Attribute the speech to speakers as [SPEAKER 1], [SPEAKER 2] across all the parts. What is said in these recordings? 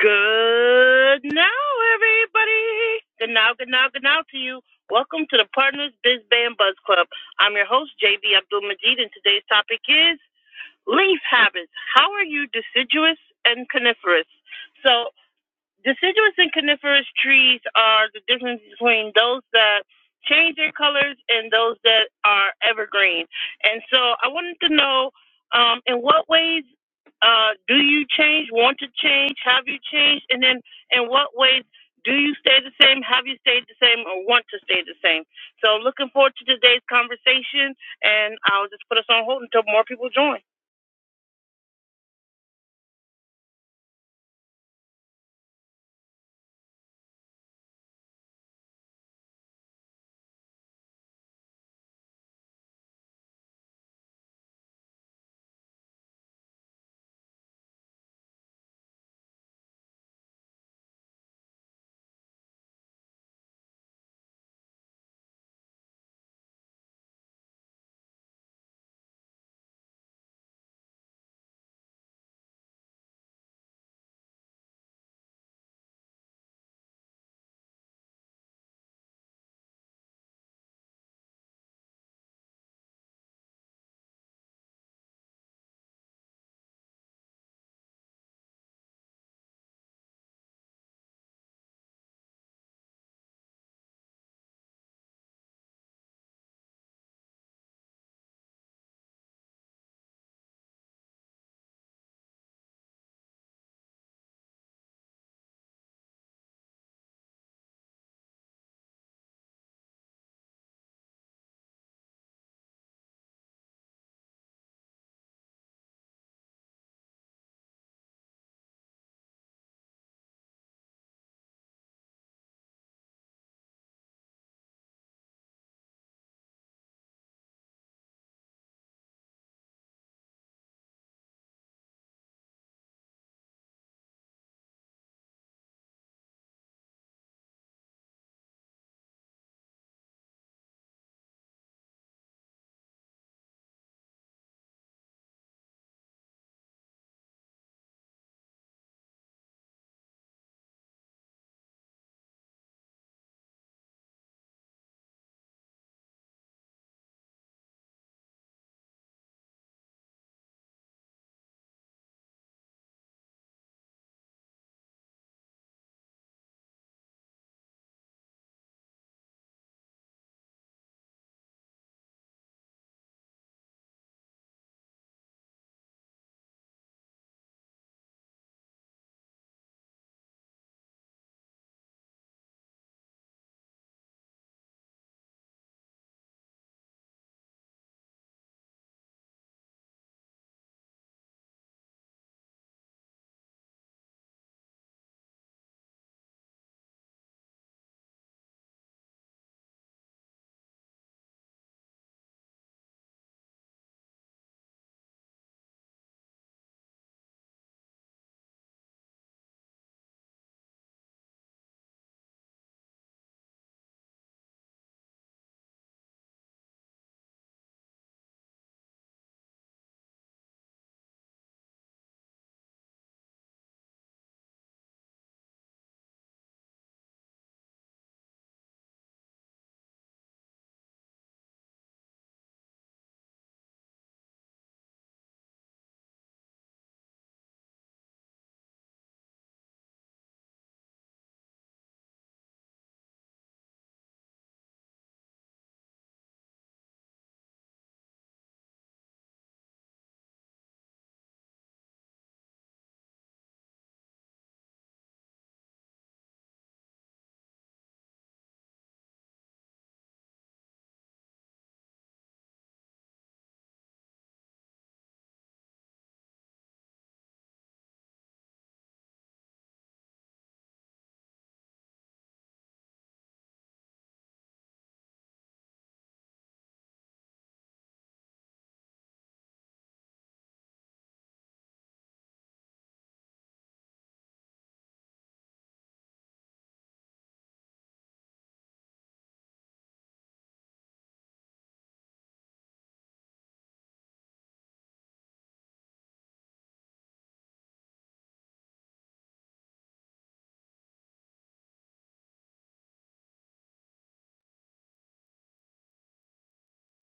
[SPEAKER 1] Good now, everybody. Good now, good now, good now to you. Welcome to the Partners Biz Band Buzz Club. I'm your host, JB Abdul Majid, and today's topic is leaf habits. How are you deciduous and coniferous? So, deciduous and coniferous trees are the difference between those that change their colors and those that are evergreen. And so I wanted to know um, in what ways uh, do you change, want to change, have you changed, and then in what ways do you stay the same, have you stayed the same, or want to stay the same? So looking forward to today's conversation, and I'll just put us on hold until more people join.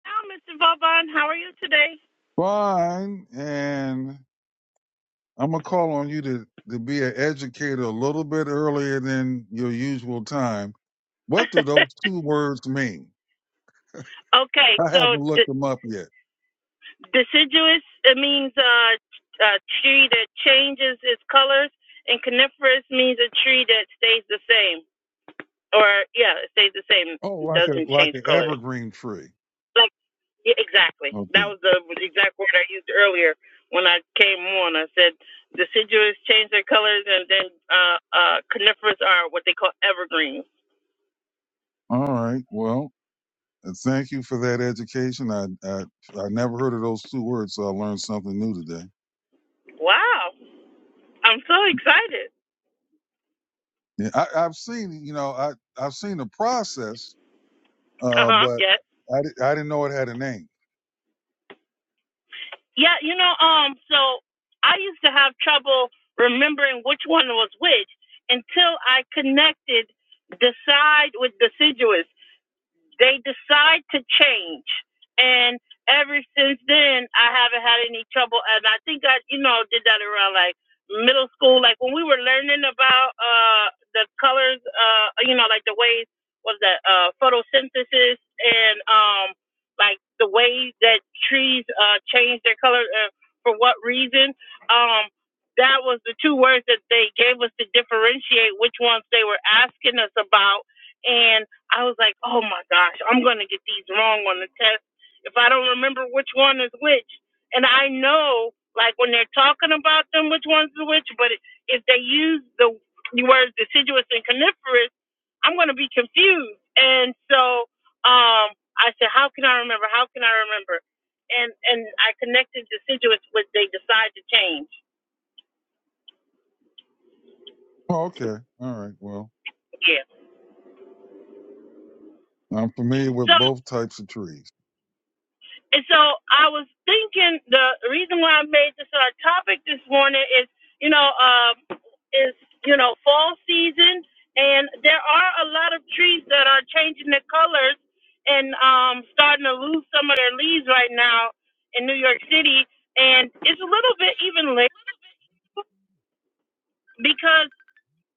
[SPEAKER 1] Hi, Mr. Vauban. How are you today?
[SPEAKER 2] fine, and I'm gonna call on you to to be an educator a little bit earlier than your usual time. What do those two words mean?
[SPEAKER 1] okay,
[SPEAKER 2] I
[SPEAKER 1] so
[SPEAKER 2] haven't
[SPEAKER 1] the
[SPEAKER 2] looked them up yet.
[SPEAKER 1] Deciduous it means uh, a tree that changes its colors, and coniferous means a tree that stays the same, or yeah, it stays the same,
[SPEAKER 2] Oh, like a
[SPEAKER 1] doesn't
[SPEAKER 2] like
[SPEAKER 1] change
[SPEAKER 2] an
[SPEAKER 1] colors.
[SPEAKER 2] evergreen tree.
[SPEAKER 1] Like yeah, exactly, that
[SPEAKER 2] Okay.
[SPEAKER 1] was the exact word I used earlier when I came on. I said deciduous change their colors, and then uh, uh, coniferous are what they call evergreens.
[SPEAKER 2] All right. Well, uh, thank you for that education. I I, I never heard of those two words, so I learned something new today.
[SPEAKER 1] Wow, I'm so excited.
[SPEAKER 2] Yeah, I, I've seen you know I I've seen the process,
[SPEAKER 1] Uh
[SPEAKER 2] uh,
[SPEAKER 1] huh.
[SPEAKER 2] but
[SPEAKER 1] Yes.
[SPEAKER 2] I di- I didn't know it had a name.
[SPEAKER 1] Yeah, you know, um, so I used to have trouble remembering which one was which until I connected decide with deciduous they decide to change. And ever since then, I haven't had any trouble. And I think I, you know, did that around like middle school, like when we were learning about uh, the colors, uh, you know, like the ways what was that uh, photosynthesis and um, like the ways that trees uh, change their color uh, for what reason. Um, that was the two words that they gave us to differentiate which ones they were asking us about. And I was like, oh my gosh, I'm going to get these wrong on the test if I don't remember which one is which. And I know, like, when they're talking about them, which one's the which, but if they use the words deciduous and coniferous, I'm going to be confused. And so um, I said, how can I remember? How can I remember? And and I connected deciduous with they decide to change.
[SPEAKER 2] Oh, okay. All right. Well.
[SPEAKER 1] Yeah.
[SPEAKER 2] I'm familiar
[SPEAKER 1] So
[SPEAKER 2] with both types of trees.
[SPEAKER 1] And so I was thinking the reason why I made this our topic this morning is, you know, um, is you know fall season, and there are a lot of trees that are changing their colors and um, starting to lose some of their leaves right now in New York City, and it's a little bit even late because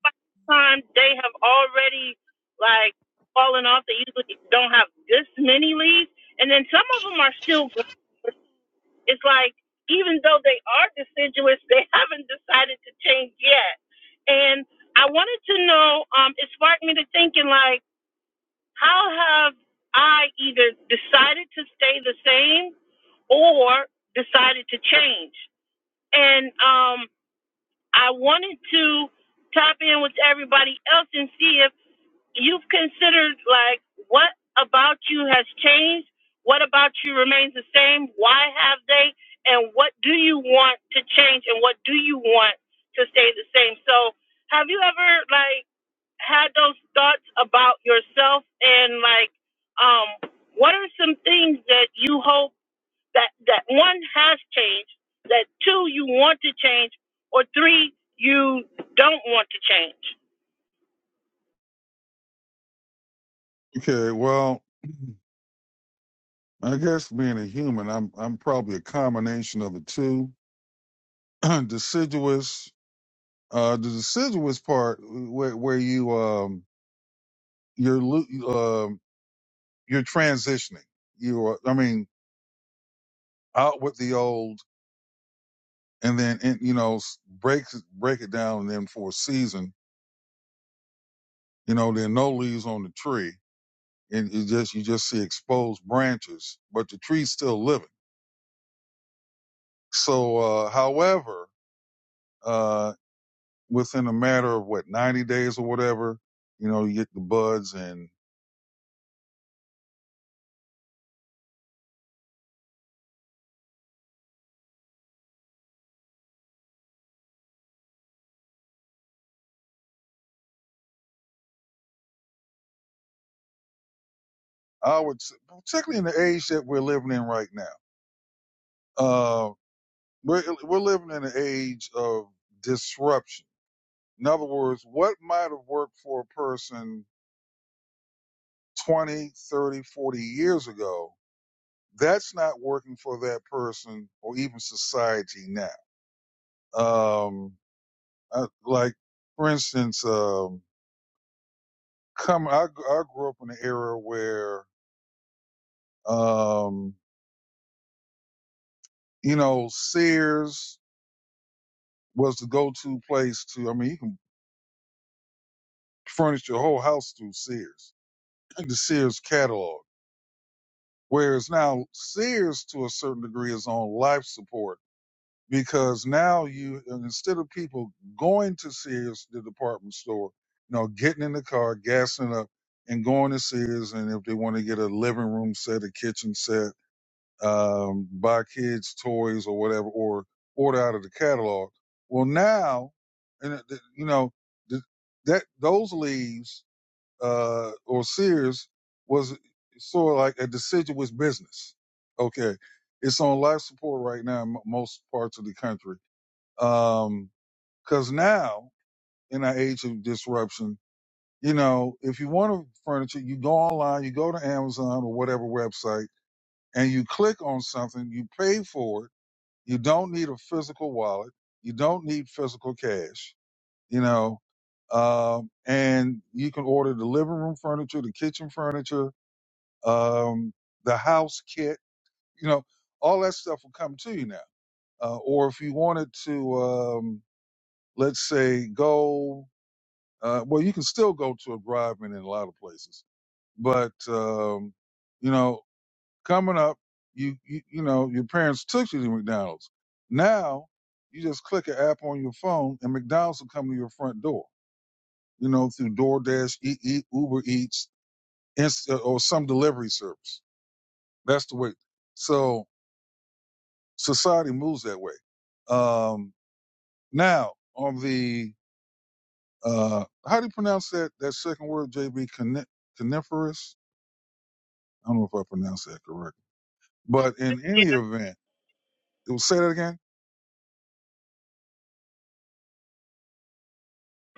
[SPEAKER 1] by the time they have already like fallen off, they usually don't have this many leaves, and then some of them are still growing It's like even though they are deciduous, they haven't decided to change yet. And I wanted to know, um, it sparked me to thinking like, how have I either decided to stay the same or decided to change? And um, I wanted to tap in with everybody else and see if you've considered like what about you has changed what about you remains the same why have they and what do you want to change and what do you want to stay the same so have you ever like had those thoughts about yourself and like um what are some things that you hope that that one has changed that two you want to change or three you don't want to change
[SPEAKER 2] Okay, well, I guess being a human, I'm I'm probably a combination of the two. deciduous, uh, the deciduous part where where you um you're lo- um you're transitioning. You are, I mean, out with the old, and then in, you know s- break break it down, and then for a season, you know, there are no leaves on the tree, and you just you just see exposed branches, but the tree's still living. So, uh, however. uh, within a matter of what ninety days or whatever, you know, you get the buds, and I would, particularly in the age that we're living in right now, uh, we're we're living in an age of disruption. In other words, what might have worked for a person 20, 30, forty years ago, that's not working for that person or even society now. Um, I, like, for instance, um, come, I, I grew up in an era where Um, you know, Sears was the go-to place to. I mean, you can furnish your whole house through Sears, Like the Sears catalog. Whereas now Sears, to a certain degree, is on life support because now you and instead of people going to Sears, the department store, you know, getting in the car, gassing up, and going to Sears, and if they want to get a living room set, a kitchen set um, buy kids toys or whatever, or order out of the catalog. Well, now, and it- th- you know th- that those leaves uh, or Sears was sort of like a deciduous business. Okay, it's on life support right now in mo- most parts of the country. Um, 'cause now in our age of disruption, you know, if you want furniture, you go online, you go to Amazon or whatever website, and you click on something, you pay for it you don't need a physical wallet. You don't need physical cash. You know, um, and you can order the living room furniture, the kitchen furniture, um, the house kit. You know, all that stuff will come to you now. Uh, or if you wanted to, um, let's say, go. Uh, well, you can still go to a drive-in in a lot of places, but um, you know. coming up, you, you you know your parents took you to McDonald's. Now you just click an app on your phone, and McDonald's will come to your front door. You know through DoorDash, Eat Eat, Uber Eats, Inst- uh, or some delivery service. That's the way. So society moves that way. Um, now on the uh, how do you pronounce that that second word, JB? Cone- Coniferous. I don't know if I pronounced that correctly. but in any
[SPEAKER 1] yeah
[SPEAKER 2] event, it will say that again.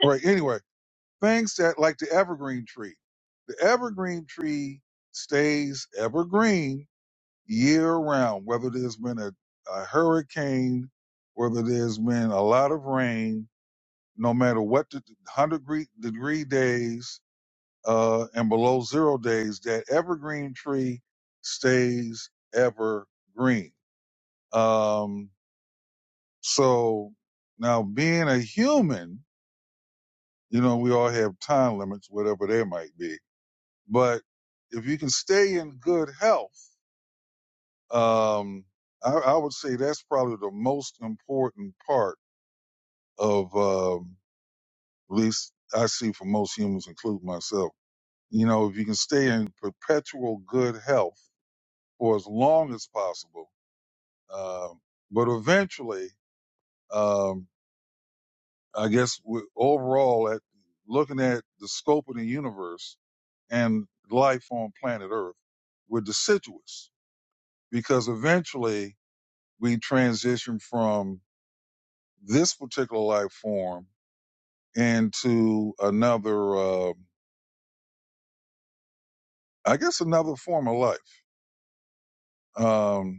[SPEAKER 2] All right. Anyway Things that like the evergreen tree. The evergreen tree stays evergreen year round, whether there's been a, a hurricane, whether there's been a lot of rain, no matter what the 100 degree, degree days uh, and below zero days, that evergreen tree stays evergreen. Um, so now being a human, you know, we all have time limits, whatever they might be But if you can stay in good health, um, I, I would say that's probably the most important part of, um, at least I see for most humans, including myself. You know, if you can stay in perpetual good health for as long as possible, um, but eventually, um, I guess we overall at looking at the scope of the universe and life on planet Earth, we're deciduous because eventually we transition from this particular life form into another, uh, I guess, another form of life. Because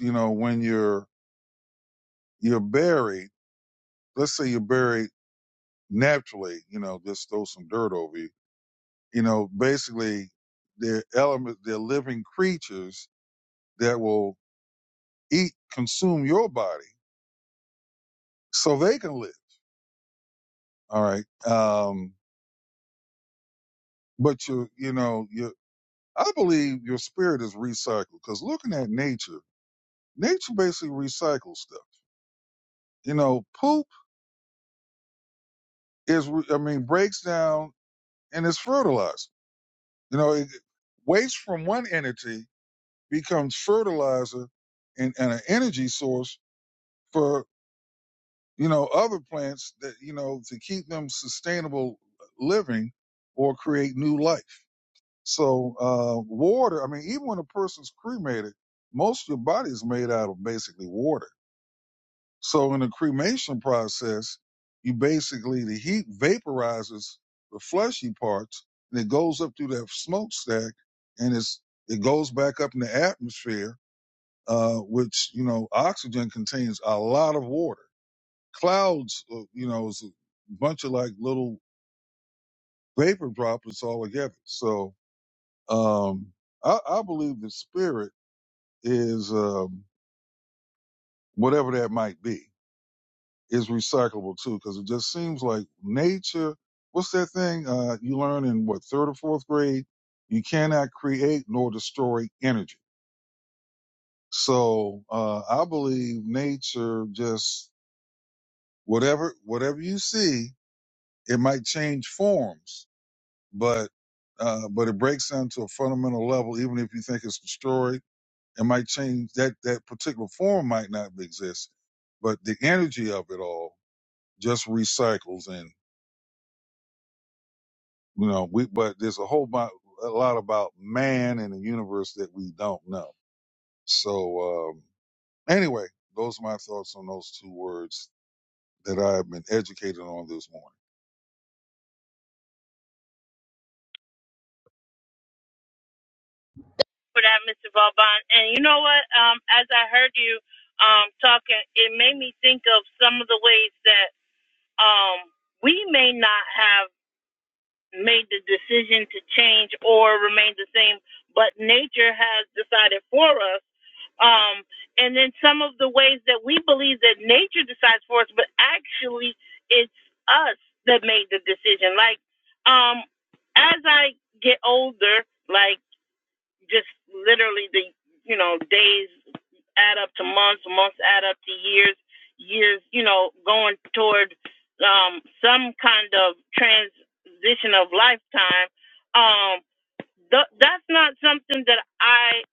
[SPEAKER 2] you know, when you're you're buried, let's say you're buried naturally, you know, just throw some dirt over you. You know, basically, they're elements, they're living creatures that will eat, consume your body, so they can live. All right, um, but you, you know, you. I believe your spirit is recycled because looking at nature, nature basically recycles stuff. You know, poop is, re- I mean, breaks down and is fertilizer. You know, it, waste from one entity becomes fertilizer and, and an energy source for, you know, other plants that, you know, to keep them sustainable living or create new life. So, uh, water, I mean, even when a person's cremated, most of your body is made out of basically water So in the cremation process, you basically the heat vaporizes the fleshy parts and it goes up through that smokestack and it's it goes back up in the atmosphere, uh, which you know oxygen contains a lot of water. Clouds, uh, you know, is a bunch of like little vapor droplets all together. So um, I, I believe the spirit is um, whatever that might be. is recyclable too, because it just seems like nature. What's that thing uh, you learn in what third or fourth grade? You cannot create nor destroy energy. So uh, I believe nature just whatever whatever you see, it might change forms, but uh, but it breaks down to a fundamental level. Even if you think it's destroyed, it might change that that particular form might not exist, but the energy of it all just recycles and. You know, we but there's a whole bu- a lot about man and the universe that we don't know. So um, anyway, those are my thoughts on those two words that I have been educated on this morning.
[SPEAKER 1] for that, Mr. Vauban. And you know what? Um, as I heard you um, talking, it made me think of some of the ways that um, we may not have made the decision to change or remain the same, but nature has decided for us. Um, and then some of the ways that we believe that nature decides for us, but actually it's us that made the decision. Like, um, as I get older, like just literally the you know days add up to months, months add up to years, years you know going toward um, some kind of transition of lifetime. Um, th- that's not something that I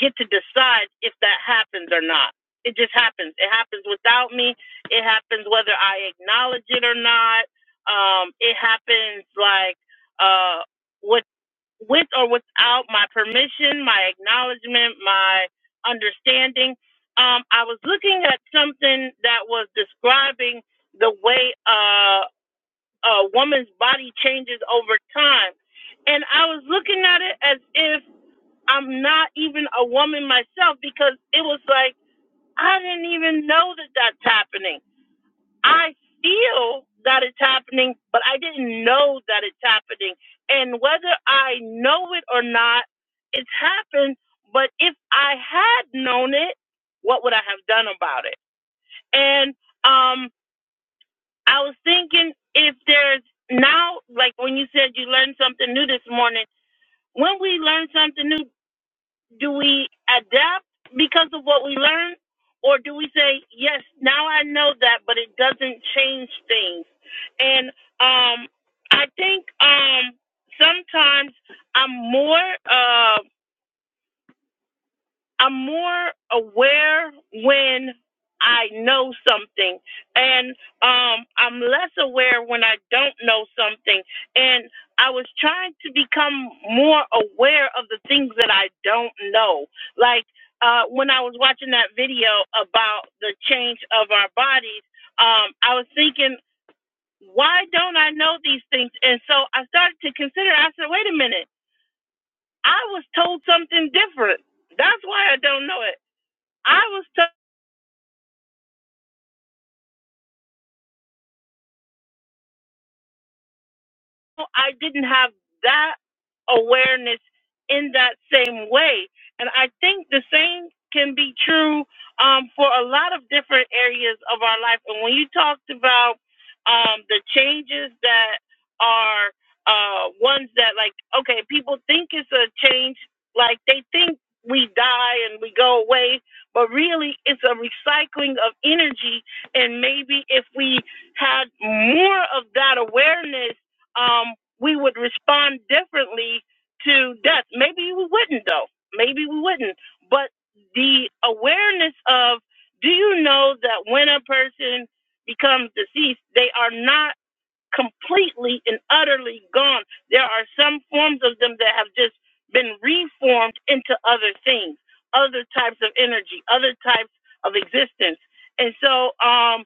[SPEAKER 1] get to decide if that happens or not. It just happens. It happens without me. It happens whether I acknowledge it or not. Um, it happens like uh, what with or without my permission, my acknowledgement, my understanding. Um, I was looking at something that was describing the way uh, a woman's body changes over time. And I was looking at it as if I'm not even a woman myself because it was like, I didn't even know that that's happening. I feel that it's happening, but I didn't know that it's happening. And whether I know it or not, it's happened. But if I had known it, what would I have done about it? And um, I was thinking if there's now, like when you said you learned something new this morning, when we learn something new, do we adapt because of what we learn or do we say yes now i know that but it doesn't change things and um i think um sometimes i'm more um I'm more aware when I know something, and um, I'm less aware when I don't know something. And I was trying to become more aware of the things that I don't know. Like uh, when I was watching that video about the change of our bodies, um, I was thinking, why don't I know these things? And so I started to consider. I said, wait a minute, I was told something different. That's why I don't know it. I was I didn't have that awareness in that same way. And I think the same can be true um, for a lot of different areas of our life. And when you talked about um, the changes that are uh, ones that, like, okay, people think it's a change, like they think we die and we go away, but really it's a recycling of energy. And maybe if we had more of that awareness, um, we would respond differently to death. Maybe we wouldn't, though. Maybe we wouldn't. But the awareness of do you know that when a person becomes deceased, they are not completely and utterly gone? There are some forms of them that have just been reformed into other things, other types of energy, other types of existence. And so, um,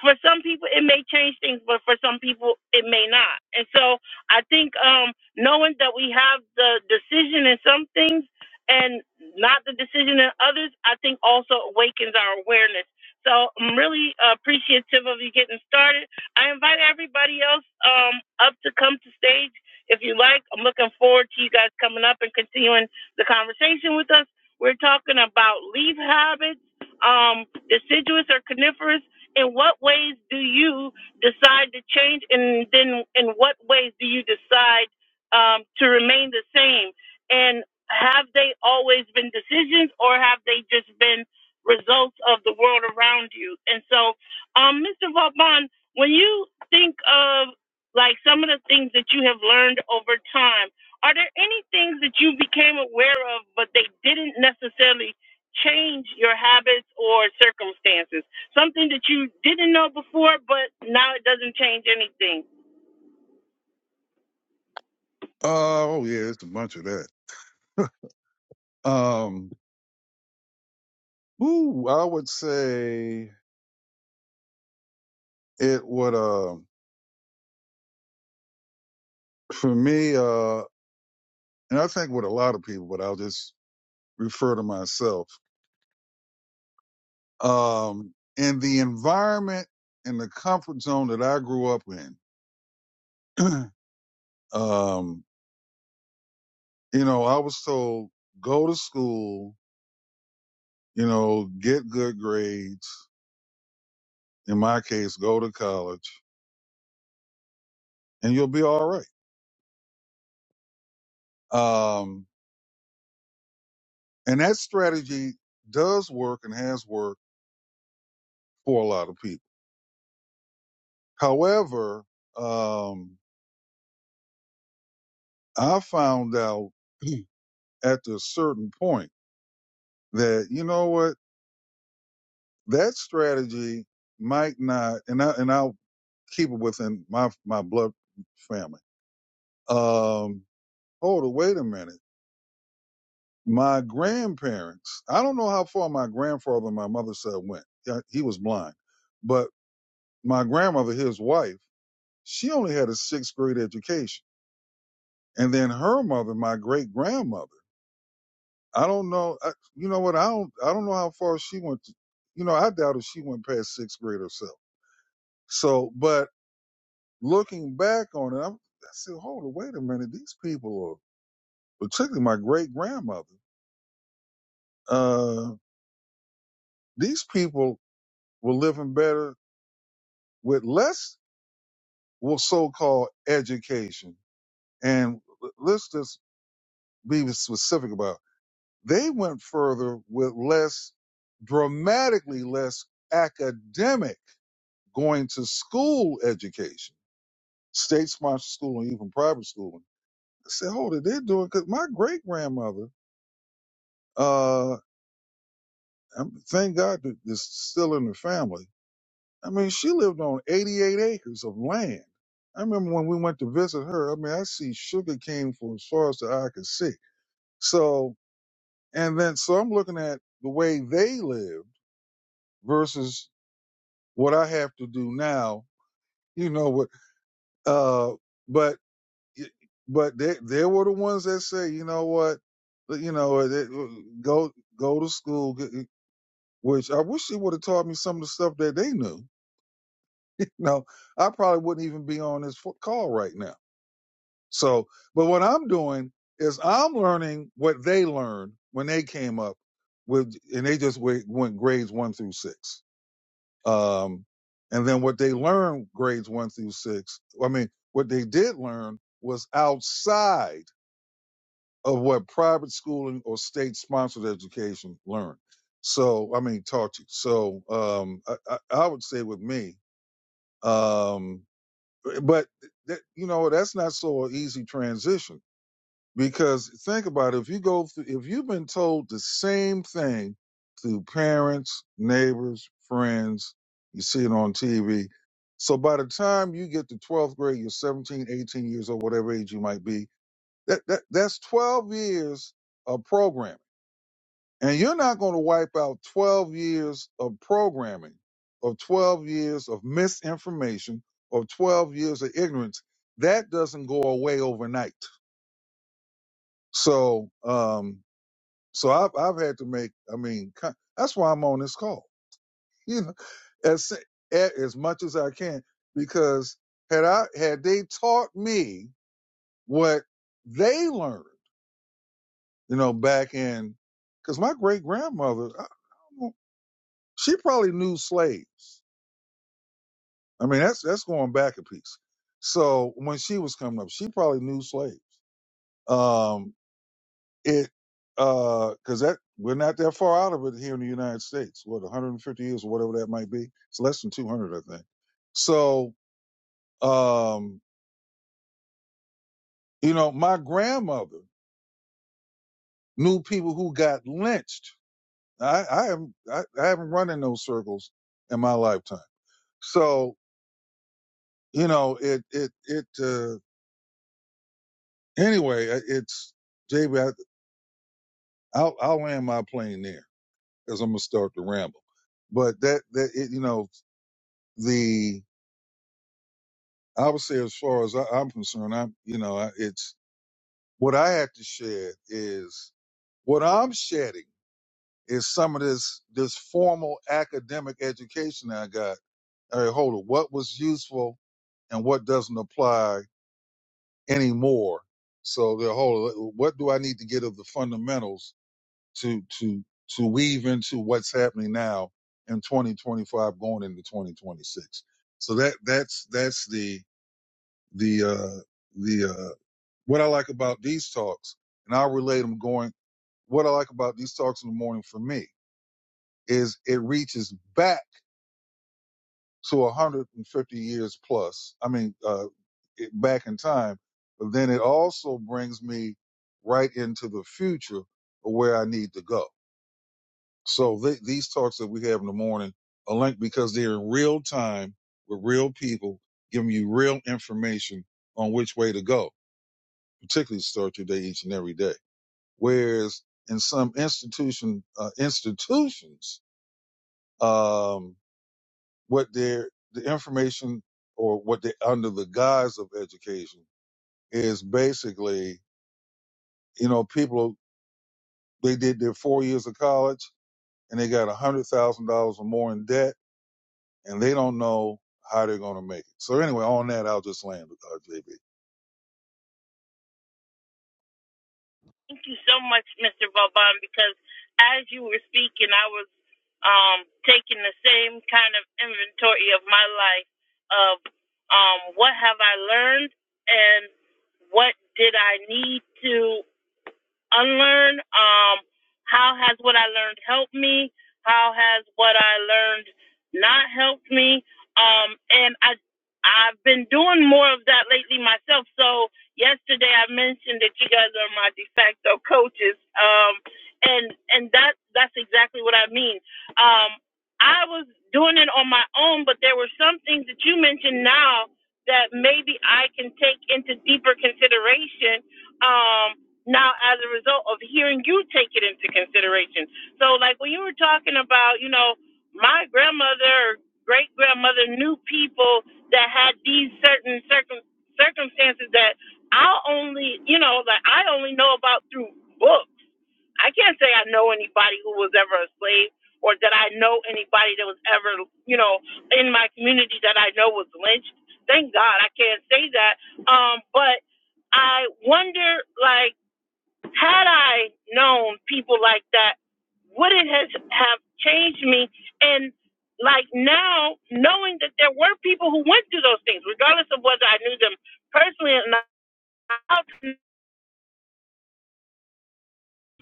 [SPEAKER 1] for some people it may change things but for some people it may not and so i think um knowing that we have the decision in some things and not the decision in others i think also awakens our awareness so i'm really uh, appreciative of you getting started i invite everybody else um up to come to stage if you like i'm looking forward to you guys coming up and continuing the conversation with us we're talking about leaf habits um deciduous or coniferous in what ways do you decide to change and then in what ways do you decide um, to remain the same and have they always been decisions or have they just been results of the world around you and so um, mr vaughn when you think of like some of the things that you have learned over time are there any things that you became aware of but they didn't necessarily change your habits or circumstances Something that you didn't know before, but now it doesn't change anything.
[SPEAKER 2] Uh, oh yeah, it's a bunch of that. Um, ooh, I would say it would, uh, for me, uh, and I think with a lot of people, but I'll just refer to myself. Um, in the environment and the comfort zone that I grew up in, um, you know, I was told go to school, you know, get good grades. In my case, go to college and you'll be all right. Um, and that strategy does work and has worked for a lot of people. However, um, I found out at a certain point that, you know what, that strategy might not, and I, and I'll keep it within my, my blood family. Um, hold it, wait a minute My grandparents, I don't know how far my grandfather on my mother's side went. Yeah, He was blind. But my grandmother, his wife, she only had a sixth grade education. And then her mother, my great grandmother, I don't know. I, you know what? I don't, I don't know how far she went. To, you know, I doubt if she went past sixth grade herself. So, but looking back on it, I'm, I said, hold on, wait a minute. These people are, particularly my great grandmother, uh, these people were living better with less well, so-called education. And l- let's just be specific about. it. They went further with less, dramatically less academic going to school education, state-sponsored schooling, even private schooling. I said, hold it, they're doing because my great grandmother, uh, I'm- thank God that this is still in the family. I mean, she lived on 88 acres of land. I remember when we went to visit her. I mean, I see sugar cane from as far as the eye could see So, and then, so I'm looking at the way they lived versus what I have to do now, you know, what, uh, but, but they, they were the ones that say, you know what, you know, they- go, go to school, get- which I wish they would have taught me some of the stuff that they knew. No, I probably wouldn't even be on this fo- call right now. So, but what I'm doing is I'm learning what they learned when they came up with, and they just went, went grades one through six. Um, and then what they learned grades one through six, I mean, what they did learn was outside of what private schooling or state sponsored education learned. So, I mean, taught you. So, um, I, I, I would say with me, um, but that, you know, that's not so an easy transition Because think about it, if you go through, if you've been told the same thing through parents, neighbors, friends, you see it on TV. So by the time you get to 12th grade, you're seventeen, eighteen years old, whatever age you might be, that, that that's 12 years of programming. And you're not going to wipe out 12 years of programming, of 12 years of misinformation, of 12 years of ignorance. That doesn't go away overnight. So, um, So I've I've had to make. I mean, co- that's why I'm on this call. You know, as as much as I can, because had I had they taught me what they learned, you know, back in, because my great grandmother, she probably knew slaves. I mean, that's that's going back a piece. So when she was coming up, she probably knew slaves. Um, It because that we're not that far out of it here in the United States. What 150 years or whatever that might be. It's less than 200, I think. So um, you know, my grandmother knew people who got lynched. I, I am I, I haven't run in those circles in my lifetime. So you know, it it it uh, anyway. I- It's JB. I, will I'll land my plane there because I'm gonna start to ramble. But that that it, you know the I would say, as far as I, I'm concerned, I'm you know, I- it's what I had to shed is what I'm shedding is some of this this formal academic education I got. All right, hold on, what was useful and what doesn't apply anymore. So the whole what do I need to get of the fundamentals to to to weave into what's happening now in 2025 going into 2026. So that that's that's the the uh the uh, What I like about these talks, and I'll relate them going, what I like about these talks in the morning for me is it reaches back to 150 years plus. I mean, uh, it back in time, but then it also brings me right into the future of where I need to go. So th- these talks that we have in the morning are linked because they're in real time with real people, giving you real information on which way to go, particularly to start your day each and every day. Whereas in some institution uh, institutions, um, what their the information or what they under the guise of education is basically, you know, people they did their four years of college and they got a hundred thousand dollars or more in debt, and they don't know how they're going to make it. So anyway, on that, I'll just land with uh, JB.
[SPEAKER 1] Thank you so much, Mr. Vauban, because as you were speaking, I was um, taking the same kind of inventory of my life of um, what have I learned and what did I need to unlearn? Um, how has what I learned helped me? How has what I learned not helped me? Um, and I, I've been doing more of that lately myself. So yesterday I mentioned that you guys are my de facto coaches. Um, and and that that's exactly what I mean. Um, I was doing it on my own, but there were some things that you mentioned now that maybe I can take into deeper consideration. Um, now as a result of hearing you take it into consideration. So like when you were talking about, you know, my grandmother or great grandmother knew people that had these certain circum circumstances that I only you know, like I only know about through books. I can't say I know anybody who was ever a slave or that I know anybody that was ever, you know, in my community that I know was lynched. Thank God I can't say that. Um, but I wonder like had I known people like that, would it has have changed me? And like now, knowing that there were people who went through those things, regardless of whether I knew them personally or not, how can-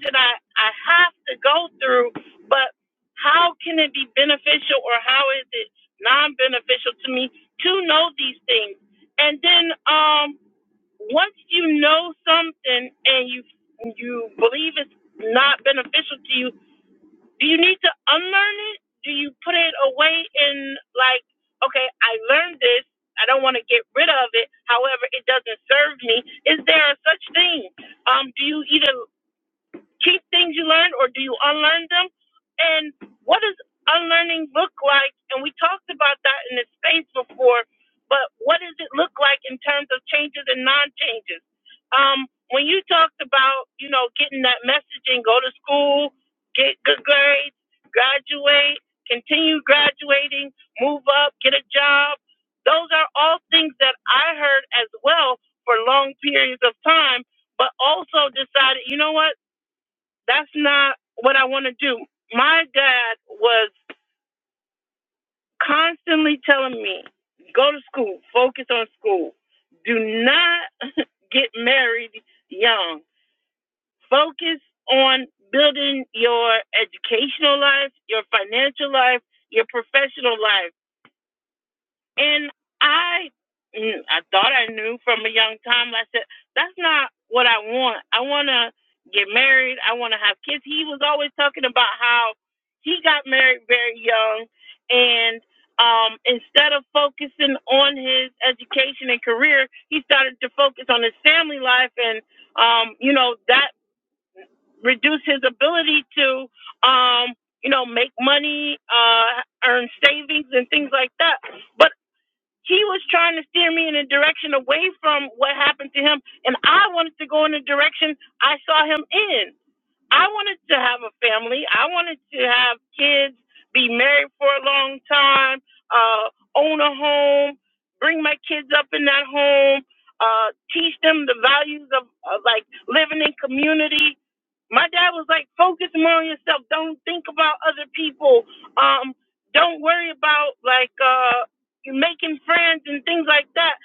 [SPEAKER 1] that I, I have to go through, but how can it be beneficial or how is it non beneficial to me to know these things? And then um once you know something and you you believe it's not beneficial to you do you need to unlearn it? Do you put it away in like, okay, I learned this. I don't want to get rid of it. However, it doesn't serve me. Is there a such thing? Um, do you either keep things you learn or do you unlearn them? And what does unlearning look like? And we talked about that in the space before, but what does it look like in terms of changes and non changes? Um, when you talked about, you know, getting that messaging, go to school, get good grades, graduate, continue graduating, move up, get a job, those are all things that I heard as well for long periods of time, but also decided, you know what? That's not what I want to do. My dad was constantly telling me, go to school, focus on school. Do not get married young. Focus on building your educational life, your financial life, your professional life And I, mm, I thought I knew from a young time. I said, that's not what I want. I want to get married. I want to have kids. He was always talking about how he got married very young, and um, instead of focusing on his education and career, he started to focus on his family life, and um, you know that reduced his ability to. Um, you know, make money, uh, earn savings and things like that But he was trying to steer me in a direction away from what happened to him, and I wanted to go in the direction I saw him in. I wanted to have a family. I wanted to have kids, be married for a long time, uh, own a home, bring my kids up in that home, uh, teach them the values of, of like living in community. My dad was like, focus more on yourself. Don't think about other people. Um, don't worry about like uh, making friends and things like that.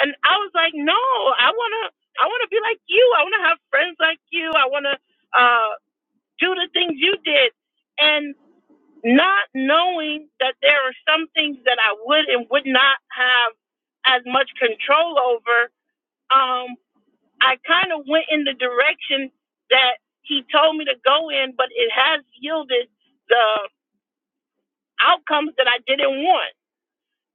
[SPEAKER 1] And I was like, no, I wanna, I wanna be like you. I wanna have friends like you. I wanna. uh, do the things you did and not knowing that there are some things that I would and would not have as much control over, um, I kind of went in the direction that he told me to go in, but it has yielded the outcomes that I didn't want.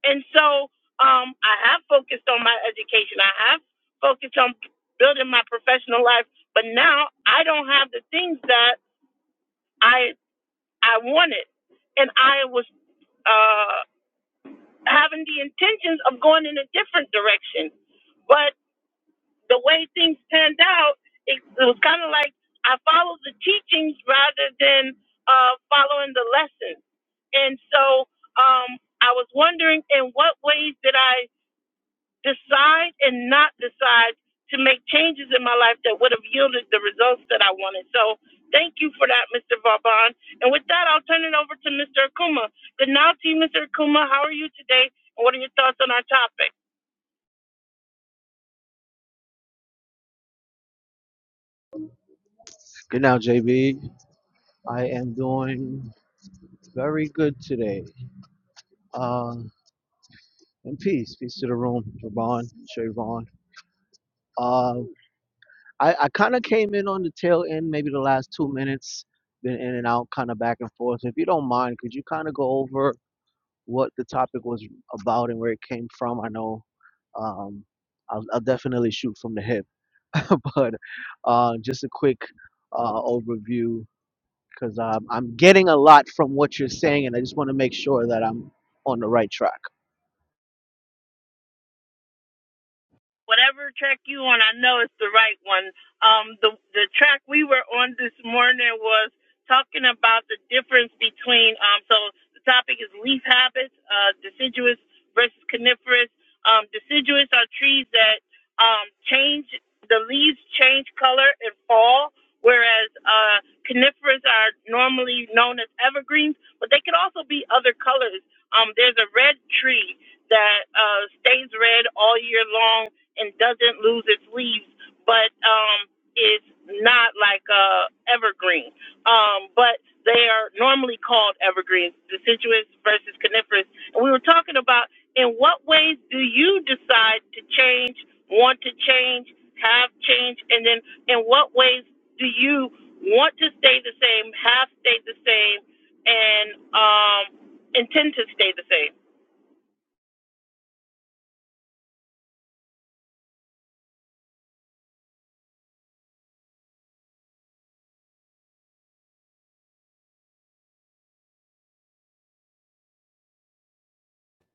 [SPEAKER 1] And so um, I have focused on my education, I have focused on building my professional life, but now I don't have the things that I I wanted. And I was uh, having the intentions of going in a different direction. But the way things panned out, it, it was kind of like I followed the teachings rather than uh, following the lessons. And so um, I was wondering in what ways did I decide and not decide to make changes in my life that would have yielded the results that I wanted. So thank you for that, Mr. Vauban. And with that, I'll turn it over to Mr. Akuma. Good now to you, Mr. Akuma. How are you today? And what are your thoughts on our topic?
[SPEAKER 3] Good now, JB. I am doing very good today. Uh, and peace, peace to the room, Javon, Trayvon. Uh, I, I kind of came in on the tail end, maybe the last two minutes, been in and out, kind of back and forth. If you don't mind, could you kind of go over what the topic was about and where it came from? I know um, I'll, I'll definitely shoot from the hip, but uh, just a quick uh, overview because um, I'm getting a lot from what you're saying, and I just want to make sure that I'm on the right track.
[SPEAKER 1] whatever track you on, I know it's the right one. Um, the the track we were on this morning was talking about the difference between um. So the topic is leaf habits, uh, deciduous versus coniferous. Um, deciduous are trees that um change the leaves change color and fall, whereas uh coniferous are normally known as evergreens, but they can also be other colors. Um, there's a red tree that uh, stays red all year long and doesn't lose its leaves, but um, is not like a evergreen. Um, but they are normally called evergreens, deciduous versus coniferous. And we were talking about in what ways do you decide to change, want to change, have changed, and then in what ways do you want to stay the same, have stayed the same, and um, intend to stay the same?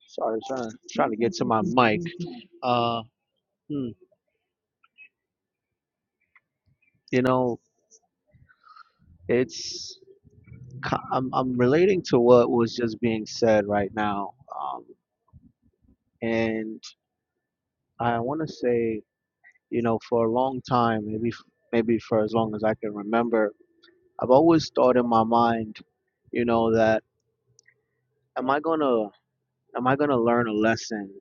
[SPEAKER 3] Sorry, trying to, trying to get to my mic. Uh, hmm, you know, it's co- I'm I'm relating to what was just being said right now, um, and I want to say, you know, for a long time, maybe maybe for as long as I can remember, I've always thought in my mind, you know, that am I gonna am I gonna learn a lesson?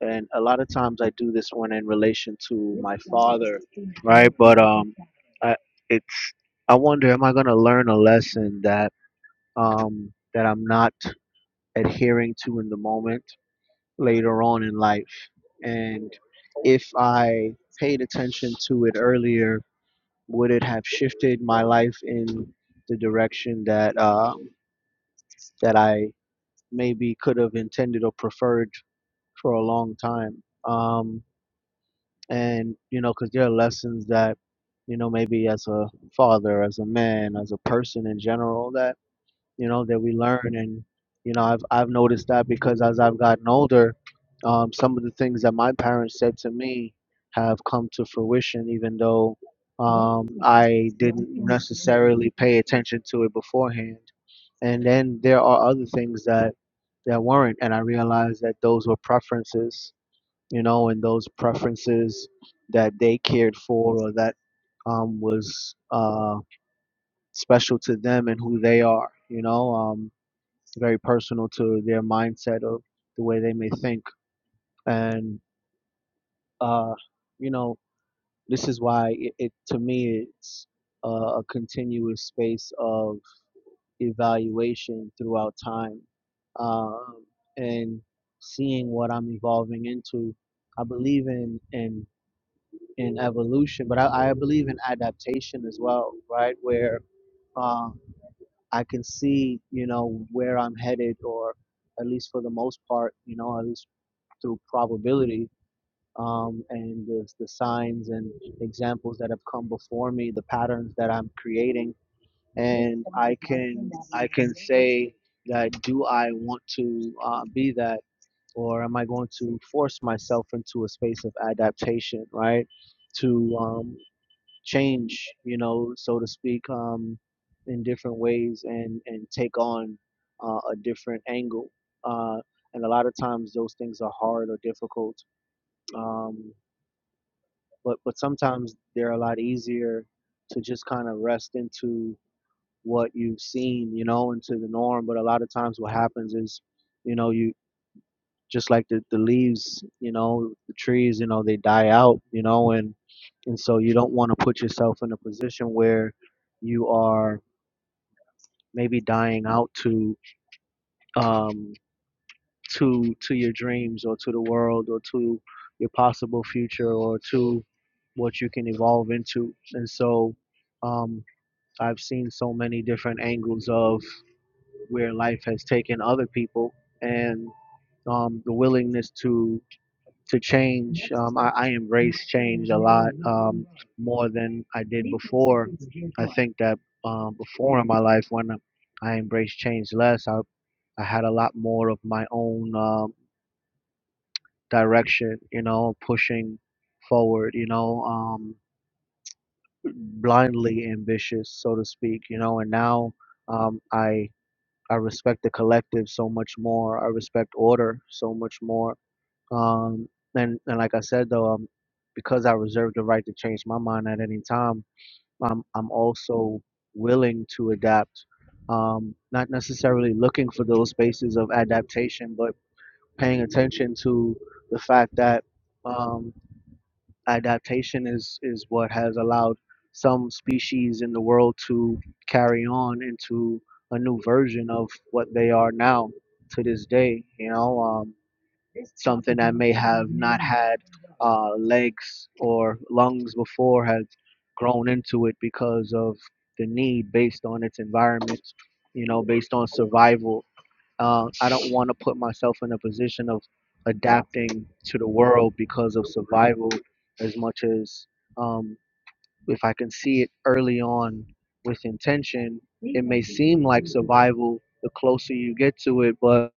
[SPEAKER 3] And a lot of times I do this one in relation to my father, right? But um, I, it's I wonder am I gonna learn a lesson that um that I'm not adhering to in the moment later on in life, and if I paid attention to it earlier, would it have shifted my life in the direction that uh that I maybe could have intended or preferred for a long time. Um, and you know, because there are lessons that you know maybe as a father, as a man, as a person in general that you know that we learn. And you know, I've I've noticed that because as I've gotten older, um, some of the things that my parents said to me have come to fruition, even though um, I didn't necessarily pay attention to it beforehand and then there are other things that that weren't and i realized that those were preferences you know and those preferences that they cared for or that um, was uh, special to them and who they are you know um, very personal to their mindset of the way they may think and uh, you know this is why it, it to me it's uh, a continuous space of evaluation throughout time um, and seeing what I'm evolving into. I believe in in in evolution, but I, I believe in adaptation as well, right? Where um, I can see, you know, where I'm headed, or at least for the most part, you know, at least through probability um, and the, the signs and examples that have come before me, the patterns that I'm creating and I can I can say that do I want to uh, be that or am I going to force myself into a space of adaptation right to um, change you know so to speak um, in different ways and and take on uh, a different angle uh, and a lot of times those things are hard or difficult um, but but sometimes they're a lot easier to just kind of rest into what you've seen, you know, into the norm. But a lot of times what happens is, you know, you just like the, the leaves, you know, the trees, you know, they die out, you know, and and so you don't want to put yourself in a position where you are maybe dying out to um to to your dreams or to the world or to your possible future or to what you can evolve into. And so um I've seen so many different angles of where life has taken other people and um, the willingness to to change. Um, I, I embrace change a lot um, more than I did before. I think that um, before in my life, when I embraced change less, I I had a lot more of my own um, direction. You know, pushing forward. You know, um, blindly ambitious, so to speak. You know, and now um, I I respect the collective so much more. I respect order so much more. Um, and and like I said though, um, because I reserve the right to change my mind at any time, I'm I'm also willing to adapt. Um, not necessarily looking for those spaces of adaptation, but paying attention to the fact that um, adaptation is is what has allowed some species in the world to carry on into a new version of what they are now to this day you know um, something that may have not had uh, legs or lungs before has grown into it because of the need based on its environment you know based on survival uh, I don't want to put myself in a position of adapting to the world because of survival as much as um, if I can see it early on with intention, it may seem like survival the closer you get to it, but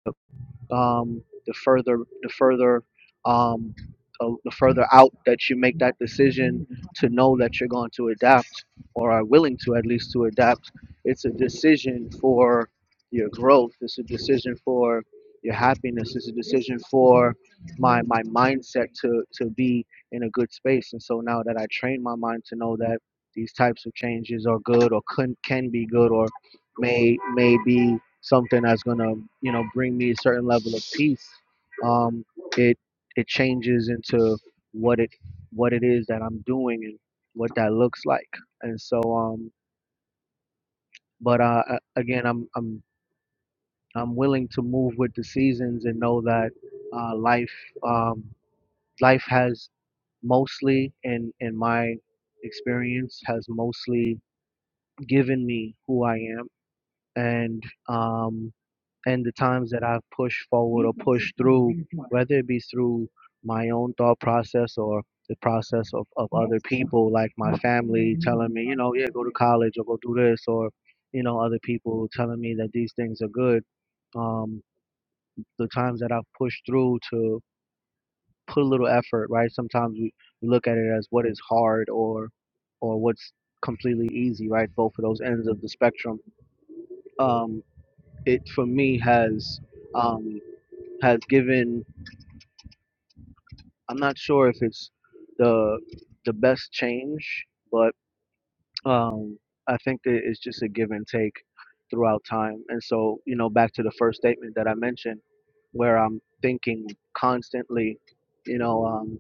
[SPEAKER 3] um, the further the further um, uh, the further out that you make that decision to know that you're going to adapt or are willing to at least to adapt it's a decision for your growth it's a decision for your happiness it's a decision for my my mindset to to be in a good space and so now that i train my mind to know that these types of changes are good or can, can be good or may may be something that's gonna you know bring me a certain level of peace. Um, it it changes into what it what it is that I'm doing and what that looks like. And so, um, but uh, a- again, I'm I'm I'm willing to move with the seasons and know that uh, life um, life has mostly in in my experience has mostly given me who I am and um, and the times that I've pushed forward or pushed through, whether it be through my own thought process or the process of, of other people, like my family telling me, you know, yeah, go to college or go do this, or, you know, other people telling me that these things are good. Um, the times that I've pushed through to put a little effort, right? Sometimes we, we look at it as what is hard or, or what's completely easy, right? Both of those ends of the spectrum. Um, it for me has. Um, has given I'm not sure if it's the the best change, but um, I think that it's just a give and take throughout time. And so, you know, back to the first statement that I mentioned, where I'm thinking constantly, you know, um,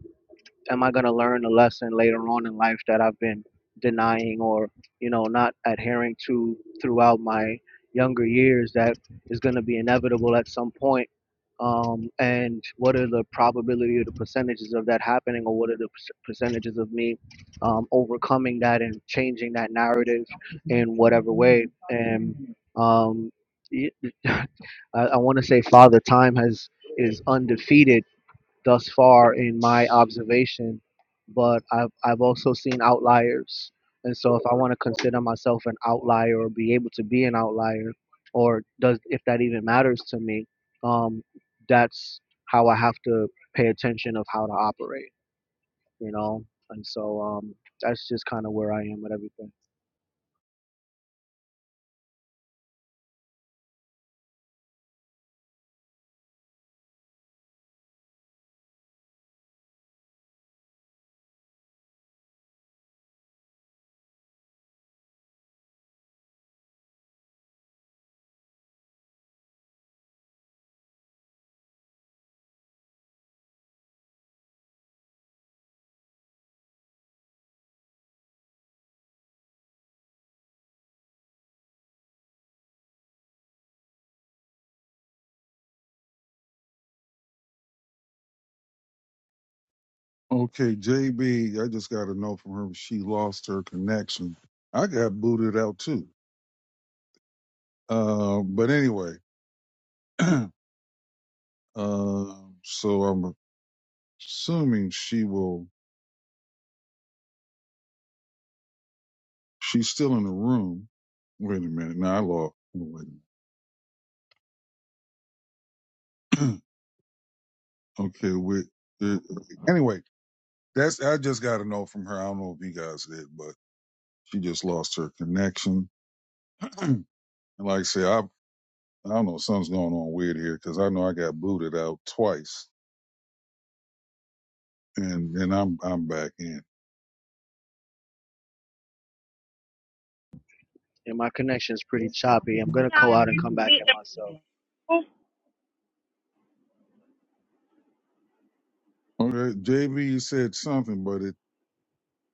[SPEAKER 3] am I going to learn a lesson later on in life that I've been denying or, you know, not adhering to throughout my younger years that is going to be inevitable at some point? Um, and what are the probability or the percentages of that happening, or what are the percentages of me um, overcoming that and changing that narrative in whatever way? And um, y- I, I want to say Father Time has is undefeated thus far in my observation, but I've, I've also seen outliers. And so if I want to consider myself an outlier or be able to be an outlier, or does if that even matters to me, um, that's how I have to pay attention of how to operate, you know? And so um, that's just kind of where I am with everything.
[SPEAKER 2] Okay, JB, I just got a note from her. She lost her connection. I got booted out too. Uh, but anyway. Um, so I'm assuming she will. She's still in the room. Wait a minute. Now I lost. Wait a minute. okay. Wait. uh, Anyway, that's I just got to know from her. I don't know if you guys did, but she just lost her connection. and like I say, I I don't know. Something's going on weird here because I know I got booted out twice, and and I'm I'm back in.
[SPEAKER 3] And my connection's pretty choppy. I'm going to
[SPEAKER 1] Now,
[SPEAKER 3] go out and come back in
[SPEAKER 1] everybody
[SPEAKER 3] myself.
[SPEAKER 2] Okay, JB you said something, but it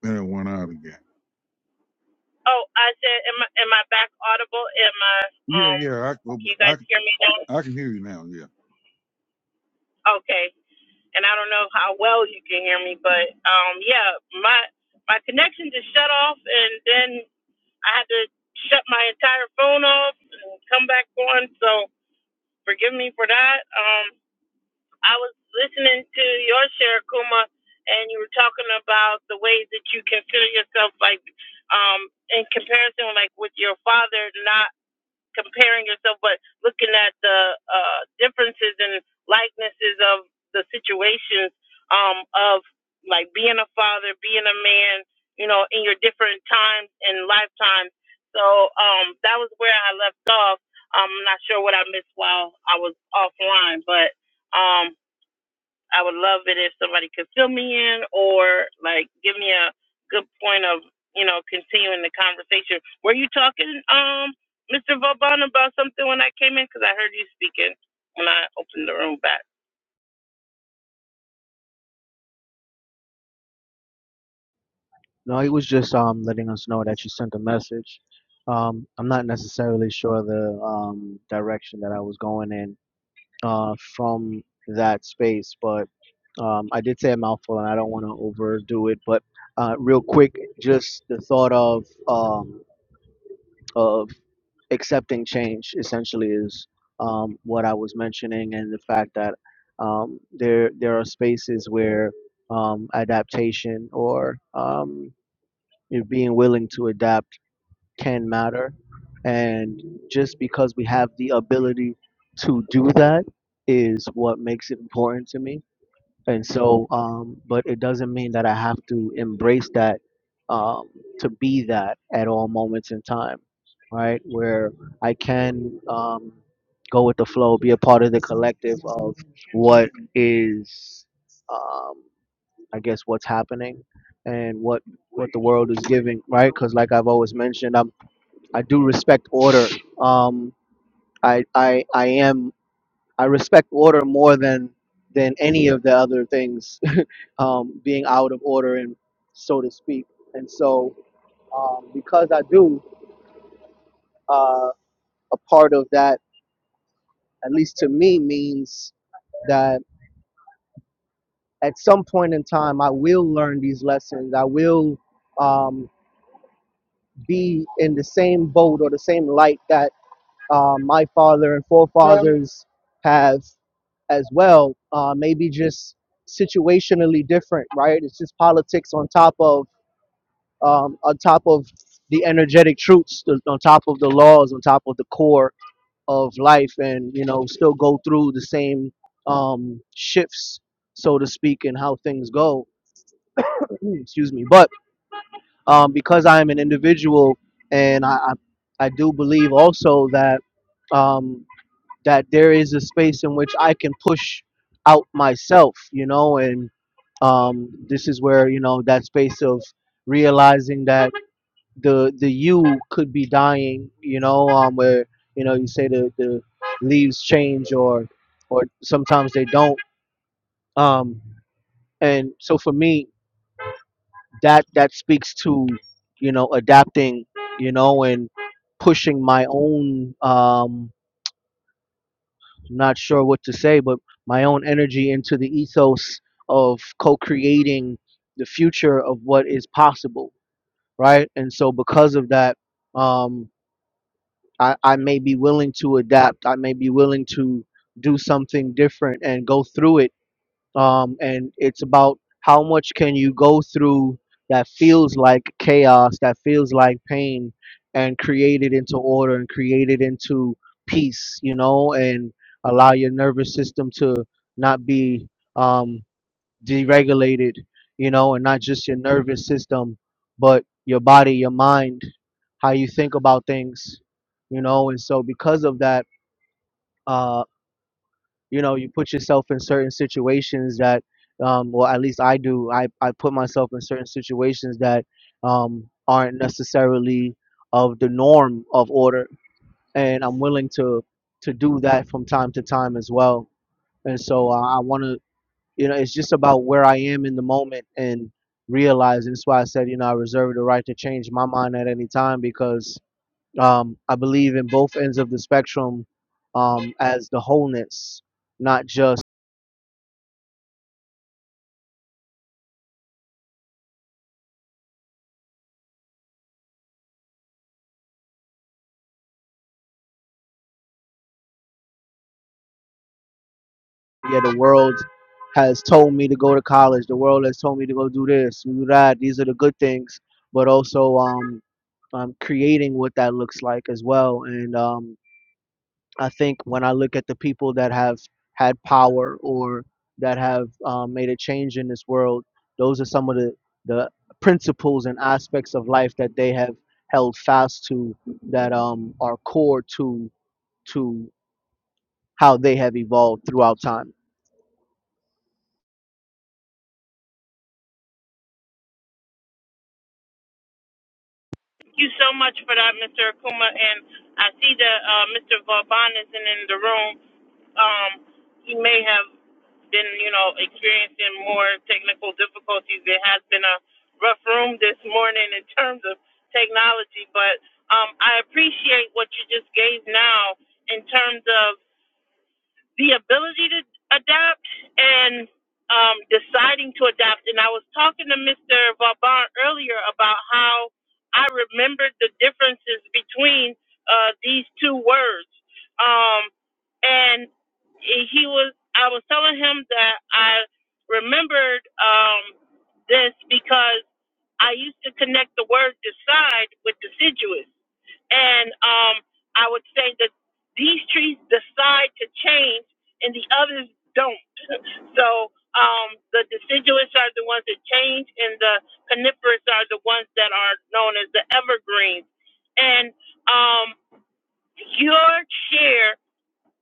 [SPEAKER 2] then it went out again.
[SPEAKER 1] Oh, I said, am I, am I back audible? Am I,
[SPEAKER 2] Yeah,
[SPEAKER 1] um,
[SPEAKER 2] yeah.
[SPEAKER 1] can you
[SPEAKER 2] I I
[SPEAKER 1] guys hear me now?
[SPEAKER 2] I can hear you now. Yeah.
[SPEAKER 1] Okay. And I don't know how well you can hear me, but, um, yeah, my, my connection just shut off and then I had to shut my entire phone off and come back on. So forgive me for that. Um, I was listening to your share, Kuma, and you were talking about the ways that you can feel yourself like, um, in comparison, like with your father, not comparing yourself, but looking at the uh, differences and likenesses of the situations um, of like being a father, being a man, you know, in your different times and lifetimes. So um, that was where I left off. I'm not sure what I missed while I was offline, but um, I would love it if somebody could fill me in or like give me a good point of, you know, continuing the conversation. Were you talking, um, Mr. Vauban about something when I came in? Because I heard you speaking when I opened the room back.
[SPEAKER 3] No, he was just um letting us know that you sent a message. Um, I'm not necessarily sure the um direction that I was going in uh from that space, but um I did say a mouthful and I don't want to overdo it, but uh real quick, just the thought of um of accepting change essentially is um what I was mentioning and the fact that um there there are spaces where um adaptation or um you know, being willing to adapt can matter. And just because we have the ability to do that is what makes it important to me. And so, um, but it doesn't mean that I have to embrace that um, to be that at all moments in time, right? Where I can um, go with the flow, be a part of the collective of what is. Um, I guess what's happening and what what the world is giving, right? Because like I've always mentioned, I'm I do respect order. Um, I I I am I respect order more than than any of the other things um, being out of order and so to speak. And so um, because I do, uh, a part of that, at least to me, means that at some point in time, I will learn these lessons. I will. Um, be in the same boat or the same light that uh, my father and forefathers have as well. Uh, maybe just situationally different, right? It's just politics on top of um, on top of the energetic truths, on top of the laws, on top of the core of life, and you know, still go through the same um, shifts, so to speak, in how things go. Excuse me, but um, because I am an individual, and I, I, I do believe also that um, that there is a space in which I can push out myself, you know, and um, this is where you know that space of realizing that the the you could be dying, you know, um, where you know you say the the leaves change or or sometimes they don't. Um, and so for me, that that speaks to you know adapting you know and pushing my own um not sure what to say but my own energy into the ethos of co-creating the future of what is possible right and so because of that um i i may be willing to adapt i may be willing to do something different and go through it um, and it's about how much can you go through that feels like chaos, that feels like pain, and create it into order and create it into peace, you know, and allow your nervous system to not be um, deregulated, you know, and not just your nervous system, but your body, your mind, how you think about things, you know, and so because of that. Uh, you know you put yourself in certain situations that um well at least i do i i put myself in certain situations that um aren't necessarily of the norm of order and i'm willing to to do that from time to time as well and so i, I want to you know it's just about where i am in the moment and realizing that's why i said you know i reserve the right to change my mind at any time because um i believe in both ends of the spectrum um as the wholeness not just yeah, the world has told me to go to college. The world has told me to go do this, do that. These are the good things, but also um, um, creating what that looks like as well. And um, I think when I look at the people that have had power or that have um, made a change in this world, those are some of the, the principles and aspects of life that they have held fast to that um, are core to to how they have evolved throughout time.
[SPEAKER 1] Thank you so much for that, Mr. Akuma. And I see that uh, Mr. Vauban isn't in the room. um, he may have been, you know, experiencing more technical difficulties. It has been a rough room this morning in terms of technology, but um, I appreciate what you just gave now in terms of the ability to adapt and um, deciding to adapt, And I was talking to Mr. Vauban earlier about how I remembered the differences between uh, these two words. Um, and he was, I was telling him that I remembered um, this because I used to connect the word decide with deciduous and um, I would say that these trees decide to change, and the others don't. so um, the deciduous are the ones that change, and the coniferous are the ones that are known as the evergreens. And um, your share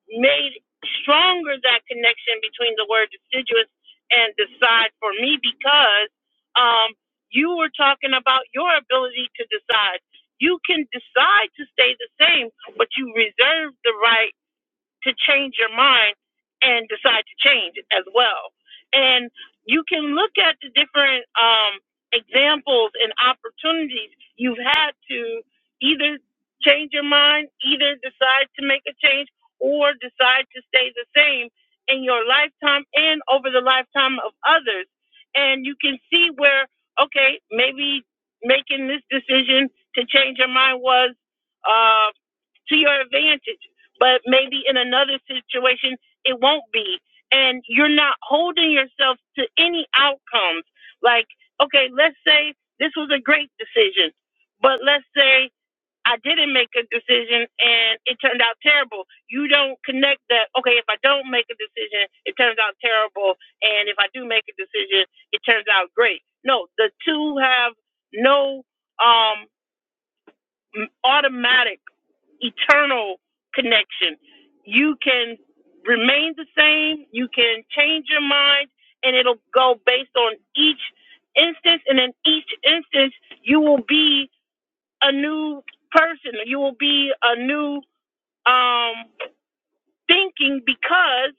[SPEAKER 1] made stronger that connection between the word deciduous and decide for me because um, you were talking about your ability to decide. You can decide to stay the same, but you reserve the right to change your mind and decide to change it as well. And you can look at the different um, examples and opportunities you've had to either change your mind, either decide to make a change, or decide to stay the same in your lifetime and over the lifetime of others. And you can see where, okay, maybe making this decision to change your mind was uh, to your advantage but maybe in another situation it won't be and you're not holding yourself to any outcomes like okay let's say this was a great decision but let's say i didn't make a decision and it turned out terrible you don't connect that okay if i don't make a decision it turns out terrible and if i do make a decision it turns out great no the two have no um m- automatic, eternal connection. You can remain the same, you can change your mind, and it'll go based on each instance. And in each instance, you will be a new person, you will be a new. Um, thinking because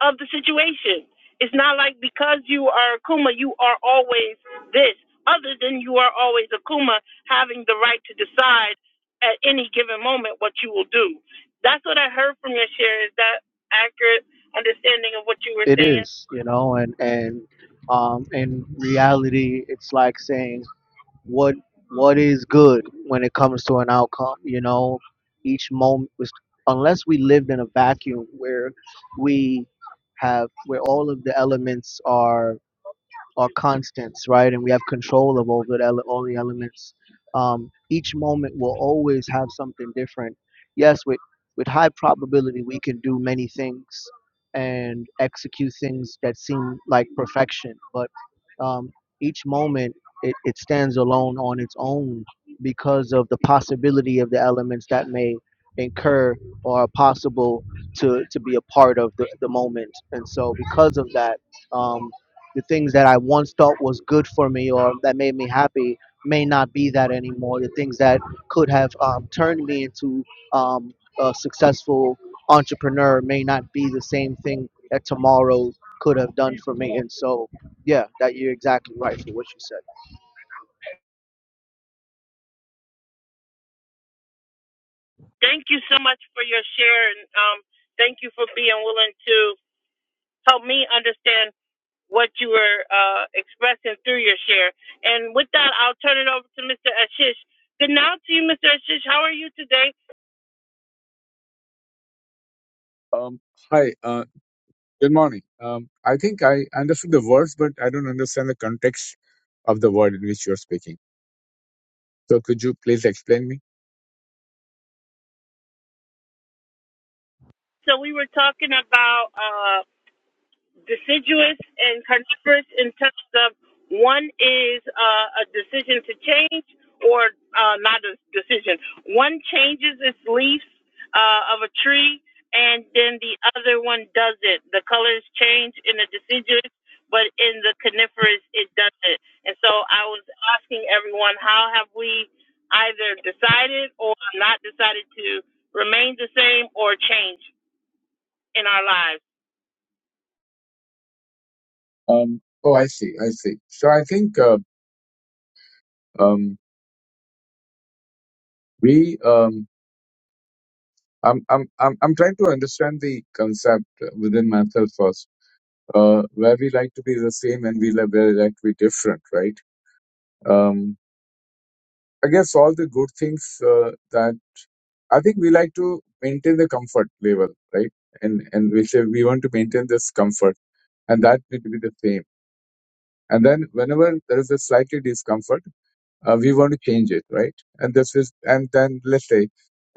[SPEAKER 1] of the situation. It's not like because you are a Kuma, you are always this, other than you are always a Kuma having the right to decide at any given moment what you will do. That's what I heard from your share. Is that accurate understanding of what you were
[SPEAKER 3] It
[SPEAKER 1] saying?
[SPEAKER 3] is, you know, and and um, in reality, it's like saying what what is good when it comes to an outcome. You know, each moment was unless we lived in a vacuum where we have where all of the elements are are constants, right? And we have control of all the ele- all the elements. Um, each moment will always have something different. Yes, with with high probability, we can do many things and execute things that seem like perfection, but um, each moment it, it stands alone on its own because of the possibility of the elements that may incur or are possible to, to be a part of the, the moment. And so, because of that, um, the things that I once thought was good for me or that made me happy may not be that anymore. The things that could have um, turned me into um, a successful entrepreneur may not be the same thing that tomorrow could have done for me. And so, yeah, that you're exactly right for what you said.
[SPEAKER 1] Thank you so much for your share, and um, thank you for being willing to help me understand what you were uh, expressing through your share. And with that, I'll turn it over to Mr. Ashish. Good night to you, Mr. Ashish. How are you today?
[SPEAKER 4] Um, hi, uh, good morning. Um, I think I understood the words, but I don't understand the context of the word in which you're speaking. So could you please explain me?
[SPEAKER 1] So we were talking about. uh, deciduous and coniferous in terms of one is uh, a decision to change or uh, not a decision. One changes its leaves uh, of a tree, and then the other one does not The colors change in the deciduous, but in the coniferous, it doesn't. And so I was asking everyone, how have we either decided or not decided to remain the same or change in our lives?
[SPEAKER 4] Um, oh, I see, I see. So I think uh, um, we, um, I'm, I'm, I'm, I'm trying to understand the concept within myself first, uh, where we like to be the same and we like, where we like to be different, right? Um, I guess all the good things uh, that I think we like to maintain the comfort level, right? And and we say we want to maintain this comfort, and that need to be the same. And then whenever there is a slightly discomfort, uh, we want to change it, right? And this is and then let's say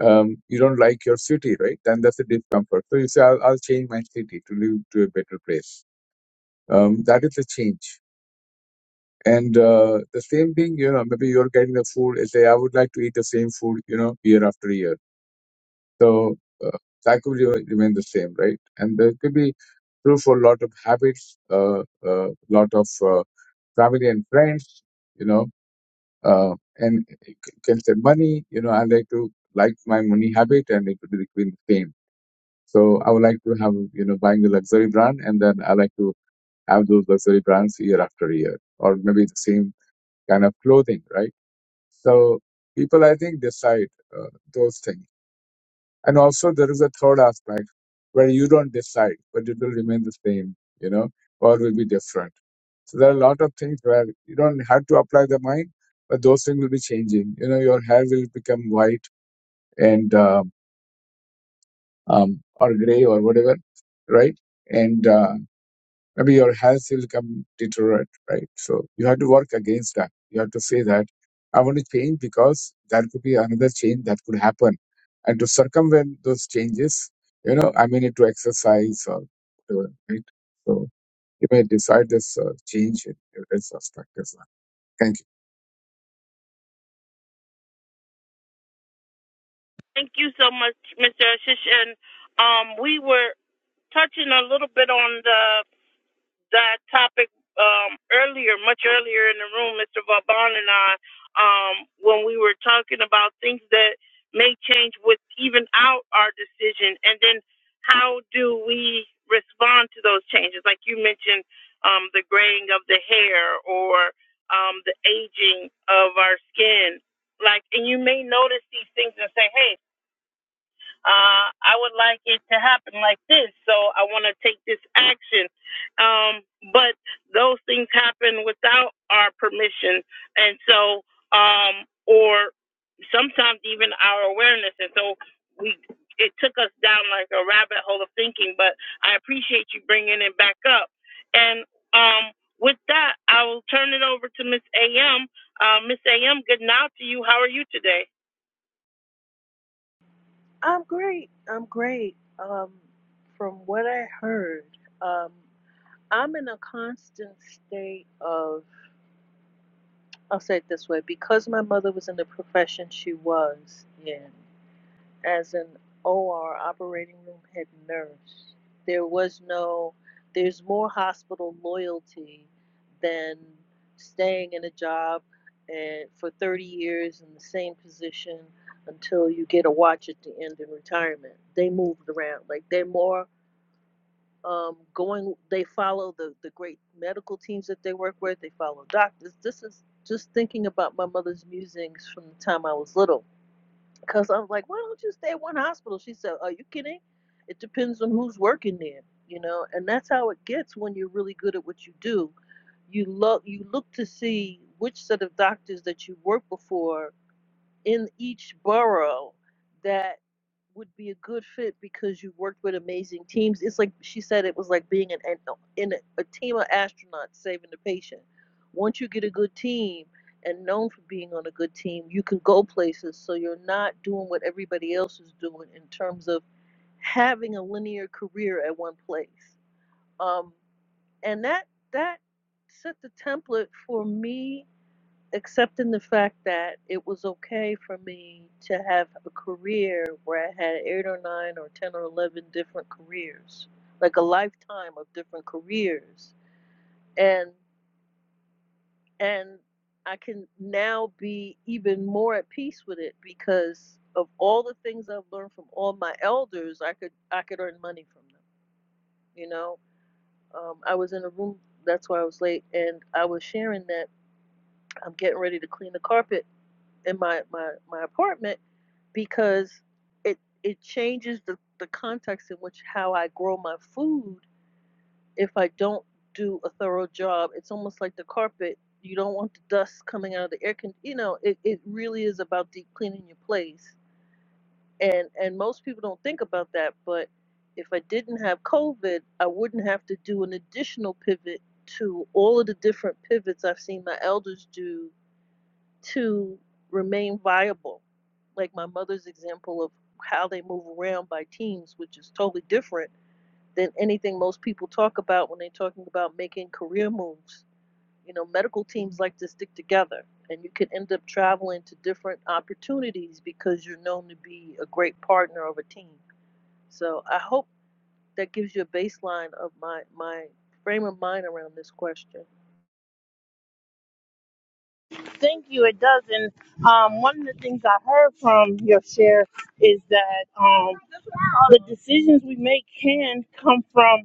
[SPEAKER 4] um, you don't like your city, right? Then that's a discomfort. So you say I'll, I'll change my city to live to a better place. Um, that is a change. And uh, the same thing, you know, maybe you're getting the food. Let's Say I would like to eat the same food, you know, year after year So uh, that could re- remain the same, right? And there could be true for a lot of habits, a uh, uh, lot of uh, family and friends, you know, uh, and you can say money, you know, I like to like my money habit and it would be the same. So I would like to have, you know, buying a luxury brand and then I like to have those luxury brands year after year or maybe the same kind of clothing, right? So people, I think, decide uh, those things And also there is a third aspect where you don't decide, but it will remain the same, you know, or will be different. So there are a lot of things where you don't have to apply the mind, but those things will be changing. You know, your hair will become white and uh, um, or gray or whatever, right? And uh, maybe your health will come deteriorate, right? So you have to work against that. You have to say that I want to change because there could be another change that could happen. And to circumvent those changes, you know, I may need to exercise or whatever, right? So you may decide this uh, change in your health aspect as well. Thank you.
[SPEAKER 1] Thank you so much, Mr. Ashish. And um, we were touching a little bit on the that topic um, earlier, much earlier in the room, Mr. Vauban and I, um, when we were talking about things that may change with even out our decision, and then how do we respond to those changes? Like you mentioned, um, the graying of the hair or um, the aging of our skin. Like, and you may notice these things and say, "Hey." Uh, I would like it to happen like this, so I want to take this action. Um, but those things happen without our permission, and so, um, or sometimes even our awareness. And so, we it took us down like a rabbit hole of thinking. But I appreciate you bringing it back up. And um, with that, I will turn it over to Miss A.M. Uh, Miss A.M., good now to you. How are you today?
[SPEAKER 5] I'm great. I'm great. Um, from what I heard, um, I'm in a constant state of, I'll say it this way, because my mother was in the profession she was in as an OR operating room head nurse. There was no, there's more hospital loyalty than staying in a job and for 30 years in the same position until you get a watch at the end in retirement. They moved around. Like they're more um, going, they follow the, the great medical teams that they work with, they follow doctors. This is just thinking about my mother's musings from the time I was little because I'm like, why don't you stay at one hospital? She said, Are you kidding? It depends on who's working there, you know. And that's how it gets when you're really good at what you do. You look you look to see which set of doctors that you work before in each borough that would be a good fit because you worked with amazing teams. It's like she said, it was like being an, an in a, a team of astronauts saving the patient. Once you get a good team and known for being on a good team, you can go places. So you're not doing what everybody else is doing in terms of having a linear career at one place. Um, and that that set the template for me except in the fact that it was okay for me to have a career where I had eight or nine or ten or eleven different careers, like a lifetime of different careers, and and I can now be even more at peace with it because of all the things I've learned from all my elders. I could I could earn money from them, you know. Um, I was in a room. That's why I was late, and I was sharing that I'm getting ready to clean the carpet in my my my apartment because it it changes the the context in which how I grow my food if I don't do a thorough job. It's almost like the carpet. You don't want the dust coming out of the air con. You know, it it really is about deep cleaning your place. And and most people don't think about that, but if I didn't have COVID, I wouldn't have to do an additional pivot to all of the different pivots I've seen my elders do to remain viable. Like my mother's example of how they move around by teams, which is totally different than anything most people talk about when they're talking about making career moves. You know, medical teams like to stick together, and you can end up traveling to different opportunities because you're known to be a great partner of a team. So I hope that gives you a baseline of my, my frame of mind around this question.
[SPEAKER 1] Thank you. It does. And um, one of the things I heard from your share is that um, the decisions we make can come from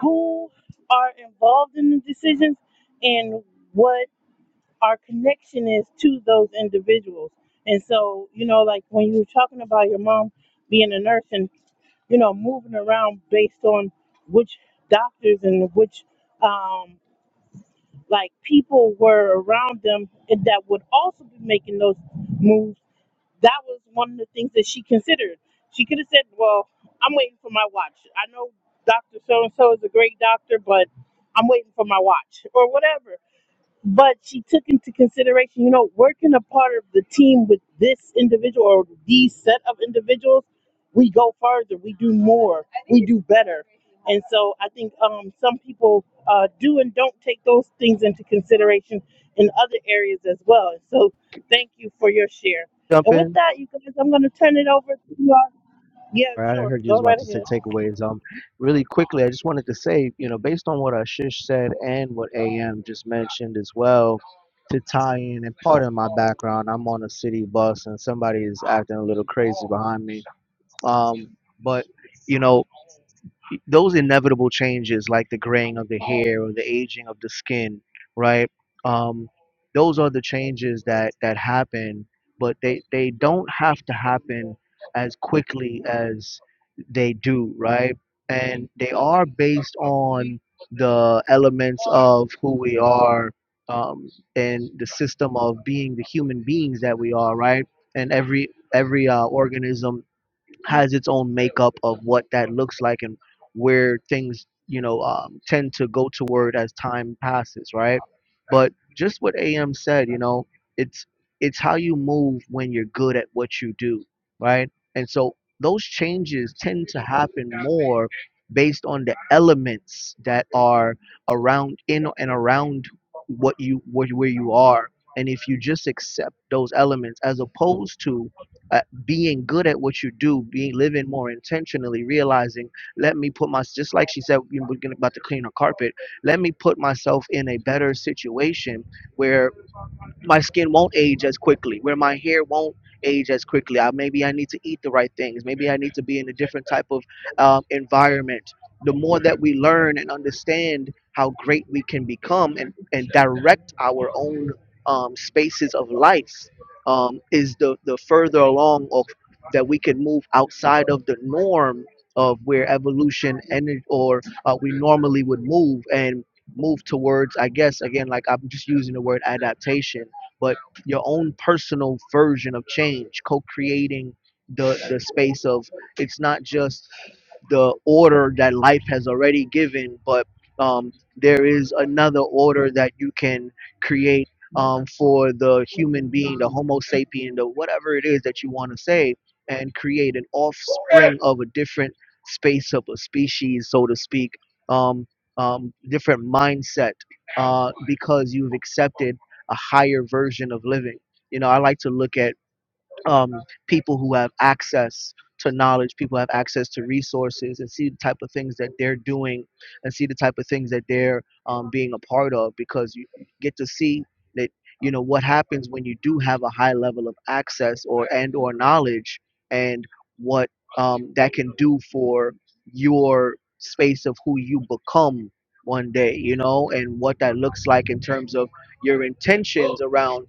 [SPEAKER 1] who are involved in the decisions and what our connection is to those individuals. And so, you know, like when you were talking about your mom being a nurse and you know, moving around based on which doctors and which um, like people were around them that would also be making those moves. That was one of the things that she considered. She could have said, Well, I'm waiting for my watch. I know Dr. So and so is a great doctor, but I'm waiting for my watch or whatever but she took into consideration, you know, working a part of the team with this individual or these set of individuals, we go further, we do more, we do better. And so I think um, some people uh, do and don't take those things into consideration in other areas as well. And so thank you for your share.
[SPEAKER 3] Jump
[SPEAKER 1] And with
[SPEAKER 3] in.
[SPEAKER 1] that, you guys, I'm going to turn it over to you all. Yeah,
[SPEAKER 3] All right, I
[SPEAKER 1] sure.
[SPEAKER 3] heard you was
[SPEAKER 1] Go right
[SPEAKER 3] about to say
[SPEAKER 1] ahead.
[SPEAKER 3] takeaways. Um, really quickly, I just wanted to say, you know, based on what Ashish said and what AM just mentioned as well, to tie in and part of my background, I'm on a city bus and somebody is acting a little crazy behind me. Um, but you know, those inevitable changes like the graying of the hair or the aging of the skin right um, those are the changes that that happen but they they don't have to happen as quickly as they do right and they are based on the elements of who we are um, and the system of being the human beings that we are right and every every uh, organism has its own makeup of what that looks like and where things you know um, tend to go toward as time passes right but just what am said you know it's it's how you move when you're good at what you do right and so those changes tend to happen more based on the elements that are around in and around what you where, where you are and if you just accept those elements as opposed to being good at what you do, being living more intentionally, realizing, let me put my just like she said, we we're gonna- about to clean her carpet. Let me put myself in a better situation where my skin won't age as quickly, where my hair won't age as quickly. I, maybe I need to eat the right things. Maybe I need to be in a different type of um, environment. The more that we learn and understand how great we can become and, and direct our own um, spaces of life um, is the, the further along of that we can move outside of the norm of where evolution and or uh, we normally would move and move towards i guess again like i'm just using the word adaptation but your own personal version of change, co creating the, the space of it's not just the order that life has already given, but um, there is another order that you can create um, for the human being, the Homo sapien, the whatever it is that you want to say, and create an offspring of a different space of a species, so to speak, um, um, different mindset, uh, because you've accepted a higher version of living. You know, I like to look at um, people who have access to knowledge, people have access to resources, and see the type of things that they're doing, and see the type of things that they're um, being a part of, because you get to see that you know what happens when you do have a high level of access or and or knowledge, and what um, that can do for your space of who you become one day, you know, and what that looks like in terms of your intentions around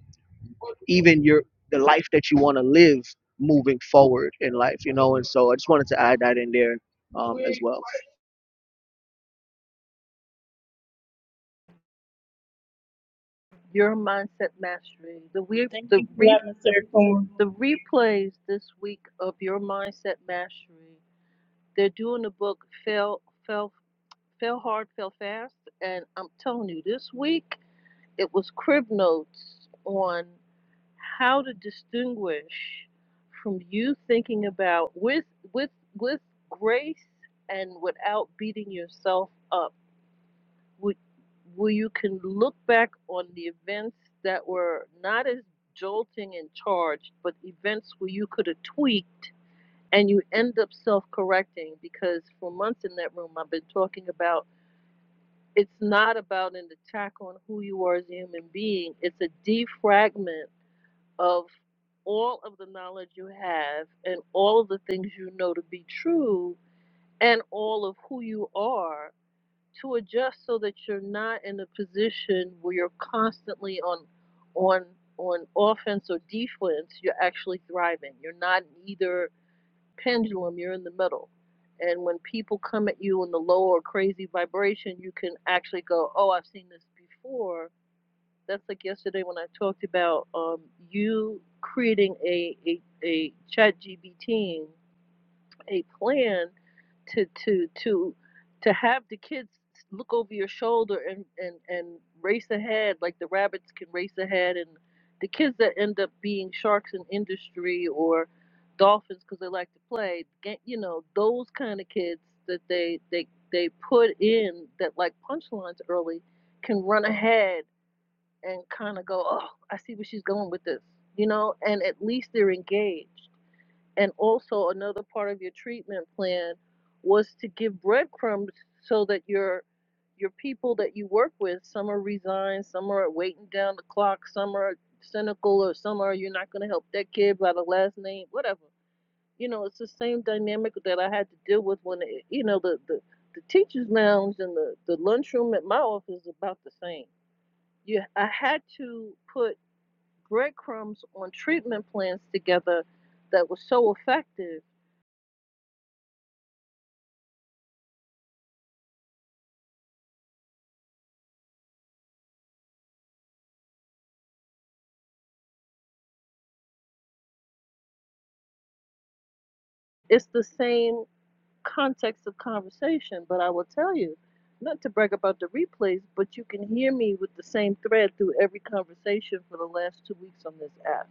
[SPEAKER 3] even your the life that you want to live moving forward in life you know and so i just wanted to add that in there um, as well
[SPEAKER 5] Your mindset mastery, the, re-
[SPEAKER 1] Thank
[SPEAKER 5] the
[SPEAKER 1] you for
[SPEAKER 5] re-
[SPEAKER 1] letting me
[SPEAKER 5] The
[SPEAKER 1] serve.
[SPEAKER 5] replays this week of Your Mindset Mastery, they're doing the book Fail, Fail, Fail Hard, Fail Fast. And I'm telling you, this week it was crib notes on how to distinguish from you thinking about with with with grace and without beating yourself up. Would where you can look back on the events that were not as jolting and charged, but events where you could have tweaked and you end up self correcting because for months in that room I've been talking about it's not about an attack on who you are as a human being, it's a defragment of all of the knowledge you have and all of the things you know to be true and all of who you are to adjust so that you're not in a position where you're constantly on on on offense or defense you're actually thriving you're not either pendulum, you're in the middle. And when people come at you in the low or crazy vibration, you can actually go, Oh, I've seen this before. That's like yesterday when I talked about um, you creating a, a, a chat GBT a plan to to to to have the kids look over your shoulder and and and race ahead like the rabbits can race ahead and the kids that end up being sharks in industry or dolphins because they like to play ga- you know those kind of kids that they they they put in that like punchlines early can run ahead and kind of go oh i see where she's going with this you know and at least they're engaged and also, another part of your treatment plan was to give breadcrumbs so that your your people that you work with, some are resigned, some are waiting down the clock, some are cynical, or some are you're not going to help that kid by the last name, whatever. You know, it's the same dynamic that I had to deal with when it, you know the the the teachers' lounge and the the lunchroom at my office is about the same. You, I had to put breadcrumbs on treatment plans together that was so effective it's the same context of conversation, but I will tell you, not to brag about the replays, but you can hear me with the same thread through every conversation for the last two weeks on this app.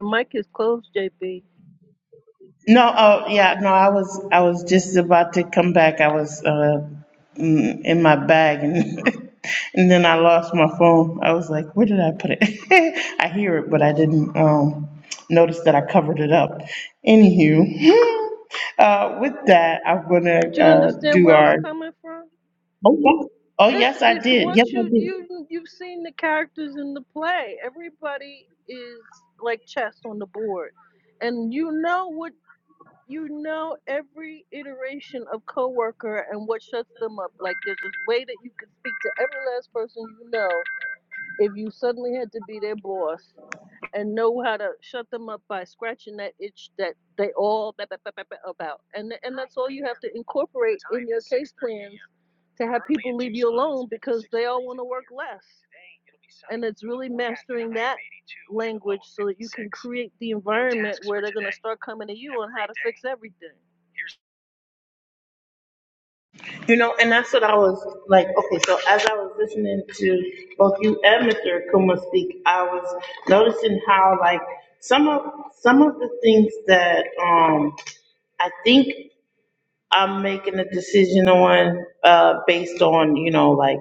[SPEAKER 5] Mike is closed, JB.
[SPEAKER 1] No, oh yeah, no, I was I was just about to come back. I was uh mm, in my bag and and then I lost my phone. I was like, where did I put it? I hear it, but I didn't um notice that I covered it up. Anywho, uh with that, I'm gonna
[SPEAKER 5] Did you
[SPEAKER 1] uh
[SPEAKER 5] understand
[SPEAKER 1] do
[SPEAKER 5] where I was
[SPEAKER 1] our
[SPEAKER 5] coming from?
[SPEAKER 1] Oh yes, oh
[SPEAKER 5] It's
[SPEAKER 1] yes, I
[SPEAKER 5] it's
[SPEAKER 1] did. Yes,
[SPEAKER 5] once
[SPEAKER 1] I
[SPEAKER 5] you
[SPEAKER 1] did.
[SPEAKER 5] you you've seen the characters in the play. Everybody is like chess on the board, and you know what you know every iteration of coworker and what shuts them up. Like there's this way that you can speak to every last person you know if you suddenly had to be their boss and know how to shut them up by scratching that itch that they all ba- ba- ba- ba- ba- about. And and that's all you have to incorporate in your case plans to have people leave you alone because they all want to work less. And it's really mastering that language so that you can create the environment where they're going to start coming to you on how to fix everything.
[SPEAKER 1] You know, and that's what I was like, okay, so as I was listening to both you and Mr. Akuma speak, I was noticing how like some of some of the things that um I think I'm making a decision on uh based on, you know, like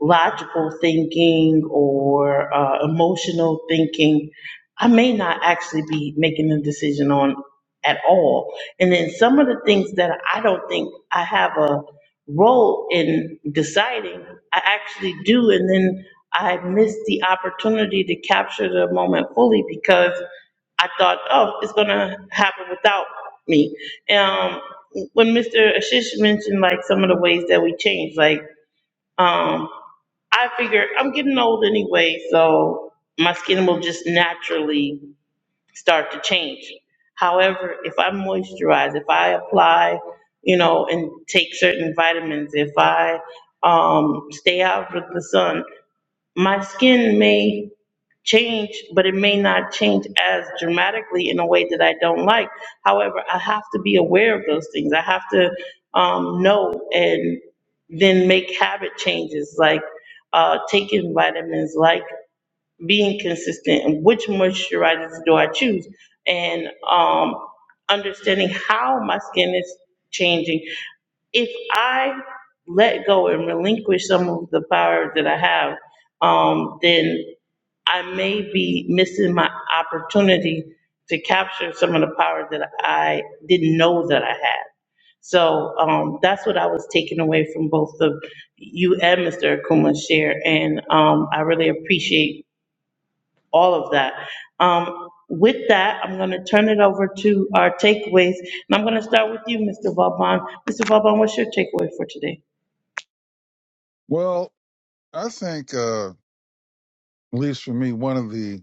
[SPEAKER 1] logical thinking or uh, emotional thinking, I may not actually be making a decision on at all. And then some of the things that I don't think I have a role in deciding, I actually do. And then I miss the opportunity to capture the moment fully because I thought, oh, it's going to happen without me. Um, when Mr. Ashish mentioned like some of the ways that we change, like, um, I figure I'm getting old anyway, so my skin will just naturally start to change. However, if I moisturize, if I apply, you know, and take certain vitamins, if I um, stay out of the sun, my skin may change, but it may not change as dramatically in a way that I don't like. However, I have to be aware of those things. I have to um, know and then make habit changes like uh, taking vitamins, like being consistent and which moisturizers do I choose, and um, understanding how my skin is changing. If I let go and relinquish some of the power that I have, um, then I may be missing my opportunity to capture some of the power that I didn't know that I had. So um, that's what I was taking away from both of you and Mr. Akuma's share, and um, I really appreciate all of that. Um, with that, I'm going to turn it over to our takeaways, and I'm going to start with you, Mr. Vaughn. Mr. Vaughn, what's your takeaway for today?
[SPEAKER 2] Well, I think, uh, at least for me, one of the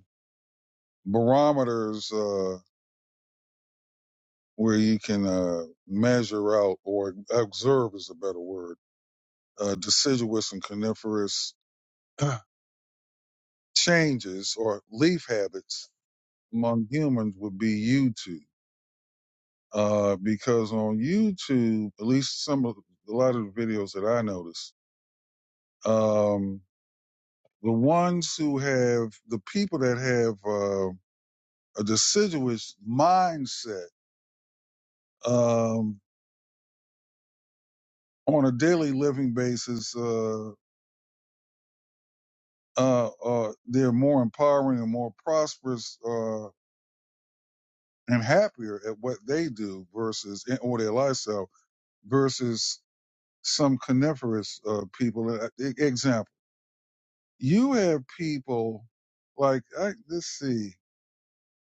[SPEAKER 2] barometers uh, where you can uh, measure out or observe is a better word, uh, deciduous and coniferous changes or leaf habits among humans would be YouTube. Uh, because on YouTube, at least some of a lot of the videos that I notice, um, the ones who have the people that have uh, a deciduous mindset um, on a daily living basis, uh, uh, uh, they're more empowering and more prosperous uh, and happier at what they do versus eh, or their lifestyle versus some coniferous uh, people. Uh, e- Example: You have people like I, let's see.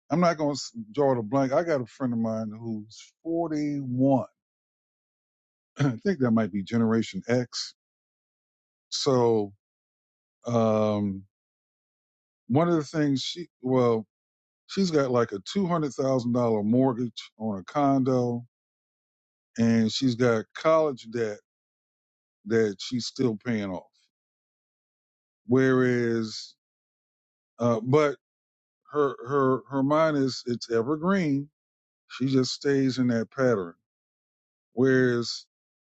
[SPEAKER 2] I'm not going to draw the blank. I got a friend of mine who's 41. I think that might be Generation X. So um, one of the things she well She's got like a two hundred thousand dollar mortgage on a condo, and she's got college debt that she's still paying off. Whereas, uh, but her her her mind is it's evergreen. She just stays in that pattern. Whereas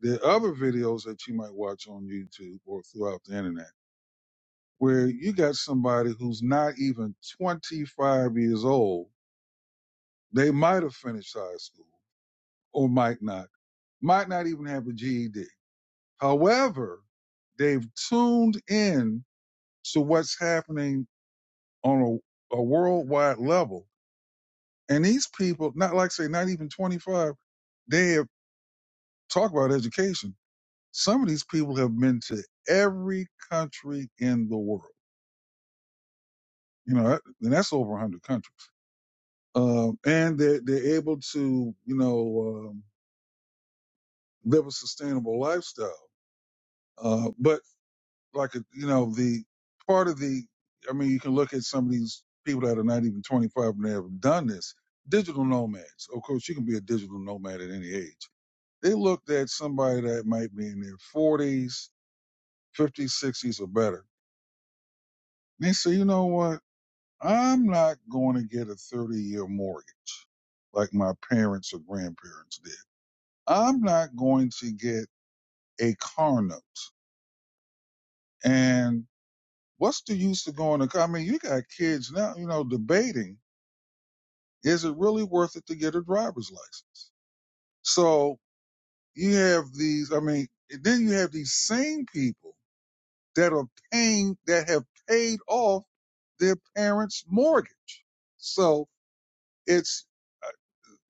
[SPEAKER 2] the other videos that you might watch on YouTube or throughout the internet, where you got somebody who's not even twenty five years old, they might have finished high school or might not, might not even have a GED However, they've tuned in to what's happening on a, a worldwide level. And these people, not like say, not even 25, they have talked about education. Some of these people have been to every country in the world. You know, and that's over 100 countries. Um, and they're, they're able to, you know, um, live a sustainable lifestyle. Uh, but like a, you know the part of the i mean you can look at some of these people that are not even 25 and they have done this digital nomads of course you can be a digital nomad at any age they looked at somebody that might be in their 40s 50s 60s or better and they say you know what i'm not going to get a 30 year mortgage like my parents or grandparents did i'm not going to get a car note and What's the use of going to? I mean, you got kids now, you know, debating is it really worth it to get a driver's license? So you have these. I mean, and then you have these same people that are paying that have paid off their parents' mortgage. So it's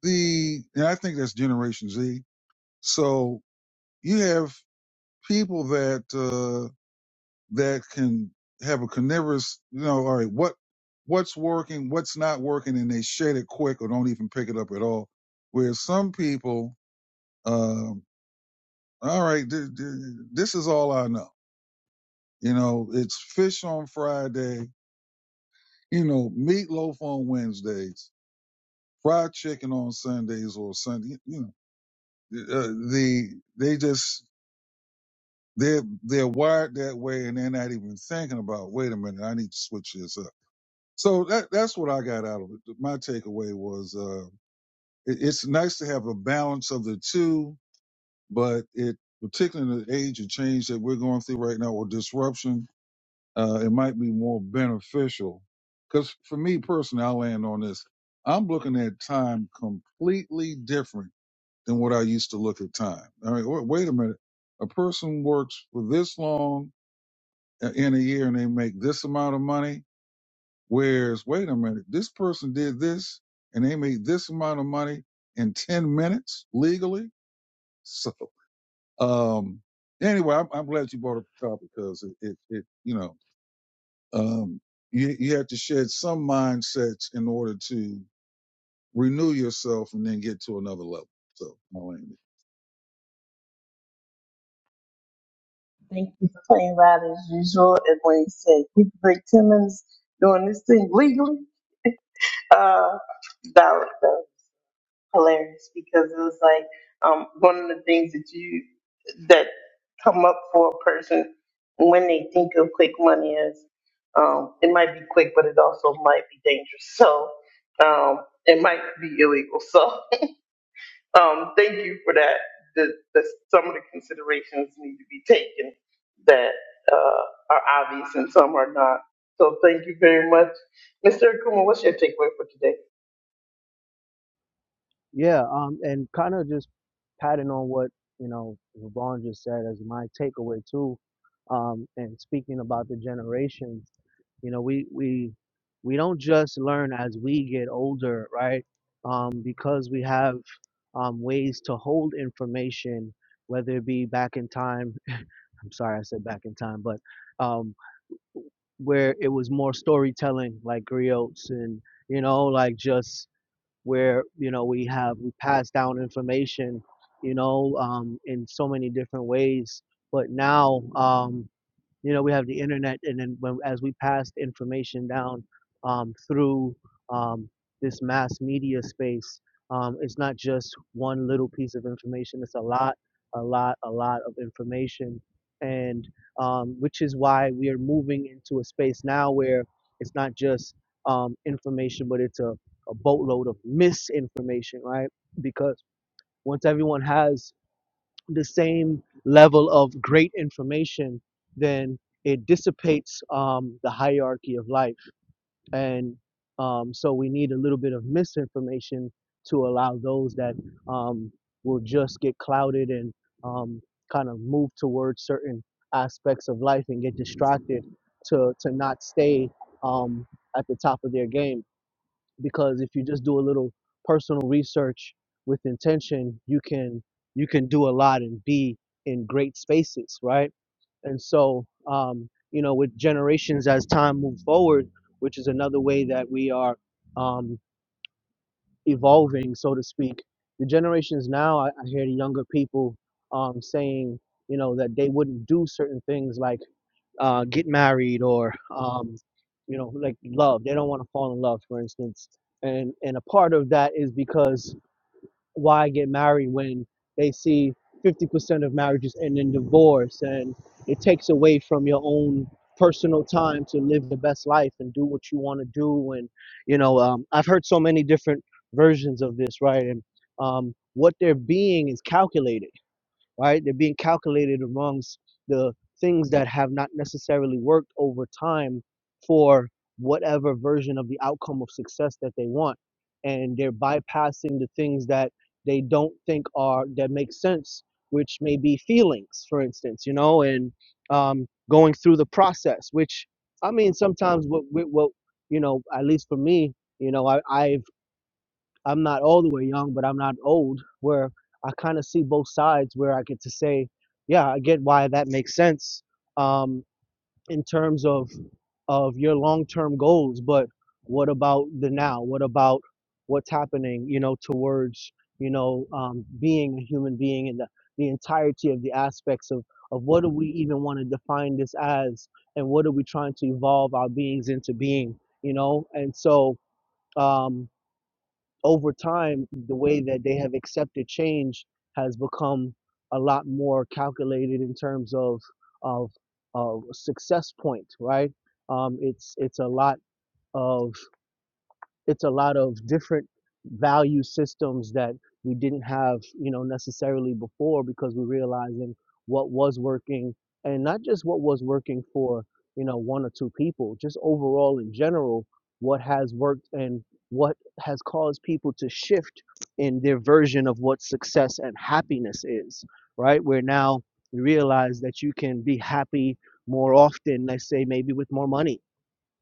[SPEAKER 2] the, and I think that's Generation Z. So you have people that. uh, that can have a carnivorous, you know, all right, what what's working, what's not working, and they shed it quick or don't even pick it up at all. Whereas some people, um, all right, th- th- this is all I know. You know, it's fish on Friday, you know, meatloaf on Wednesdays, fried chicken on Sundays or Sunday. You know, uh, the they just they're they're wired that way, and they're not even thinking about. Wait a minute, I need to switch this up So that that's what I got out of it. My takeaway was uh, it, it's nice to have a balance of the two, but it particularly in the age of change that we're going through right now or disruption, uh, it might be more beneficial. Because for me personally, I land on this. I'm looking at time completely different than what I used to look at time. I mean, wait, wait a minute. A person works for this long uh, in a year and they make this amount of money Whereas, wait a minute, this person did this and they made this amount of money in 10 minutes legally. So, um, anyway, I'm, I'm glad you brought up the topic because it, it, it, you know, um, you, you have to shed some mindsets in order to renew yourself and then get to another level. So, I'll end it.
[SPEAKER 1] Uh, that was good. hilarious because it was like um, one of the things that you that come up for a person when they think of quick money is um, it might be quick, but it also might be dangerous. So um, it might be illegal. So um, thank you for that. The, the, some of the considerations need to be taken that uh, are obvious and some are not. So thank you very much, Mr. Akuma. What's your takeaway for today?
[SPEAKER 3] Yeah, um, and kind of just patting on what you know Vaughn just said as my takeaway too, um, and speaking about the generations, you know, we we we don't just learn as we get older, right? Um, because we have um, ways to hold information, whether it be back in time. I'm sorry, I said back in time, but um, where it was more storytelling like griots and you know like just where you know we have we pass down information you know um in so many different ways but now um you know we have the internet and then when, as we pass information down um, through um, this mass media space um, it's not just one little piece of information it's a lot a lot a lot of information and um, which is why we are moving into a space now where it's not just um, information but it's a, a boatload of misinformation right because once everyone has the same level of great information, then it dissipates um, the hierarchy of life. And um, so we need a little bit of misinformation to allow those that um, will just get clouded and um, kind of move towards certain aspects of life and get distracted to, to not stay um, at the top of their game because if you just do a little personal research with intention you can you can do a lot and be in great spaces right and so um, you know with generations as time moves forward which is another way that we are um, evolving so to speak the generations now i, I hear the younger people um, saying you know that they wouldn't do certain things like uh, get married or um, you know like love they don't want to fall in love for instance and and a part of that is because why get married when they see 50% of marriages end in divorce and it takes away from your own personal time to live the best life and do what you want to do and you know um, i've heard so many different versions of this right and um, what they're being is calculated right? They're being calculated amongst the things that have not necessarily worked over time for whatever version of the outcome of success that they want. And they're bypassing the things that they don't think are that make sense, which may be feelings, for instance, you know, and um, going through the process, which I mean, sometimes what, what, what you know, at least for me, you know, I, I've I'm not all the way young, but I'm not old, where I kind of see both sides, where I get to say, yeah, I get why that makes sense um, in terms of of your long term goals, but what about the now? What about what's happening? You know, towards you know um, being a human being and the, the entirety of the aspects of of what do we even want to define this as, and what are we trying to evolve our beings into being? You know, and so. Um, over time, the way that they have accepted change has become a lot more calculated in terms of of, of success point, right? Um, it's it's a lot of it's a lot of different value systems that we didn't have you know necessarily before because we're realizing what was working and not just what was working for you know one or two people just overall in general what has worked and what has caused people to shift in their version of what success and happiness is right where now you realize that you can be happy more often let's say maybe with more money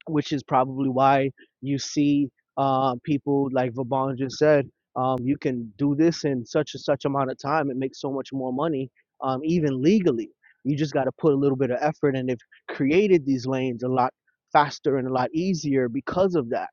[SPEAKER 3] which is probably why you see uh, people like Vaban just said, um, you can do this in such and such amount of time and make so much more money, um, even legally. You just got to put a little bit of effort, and they've created these lanes a lot faster and a lot easier because of that,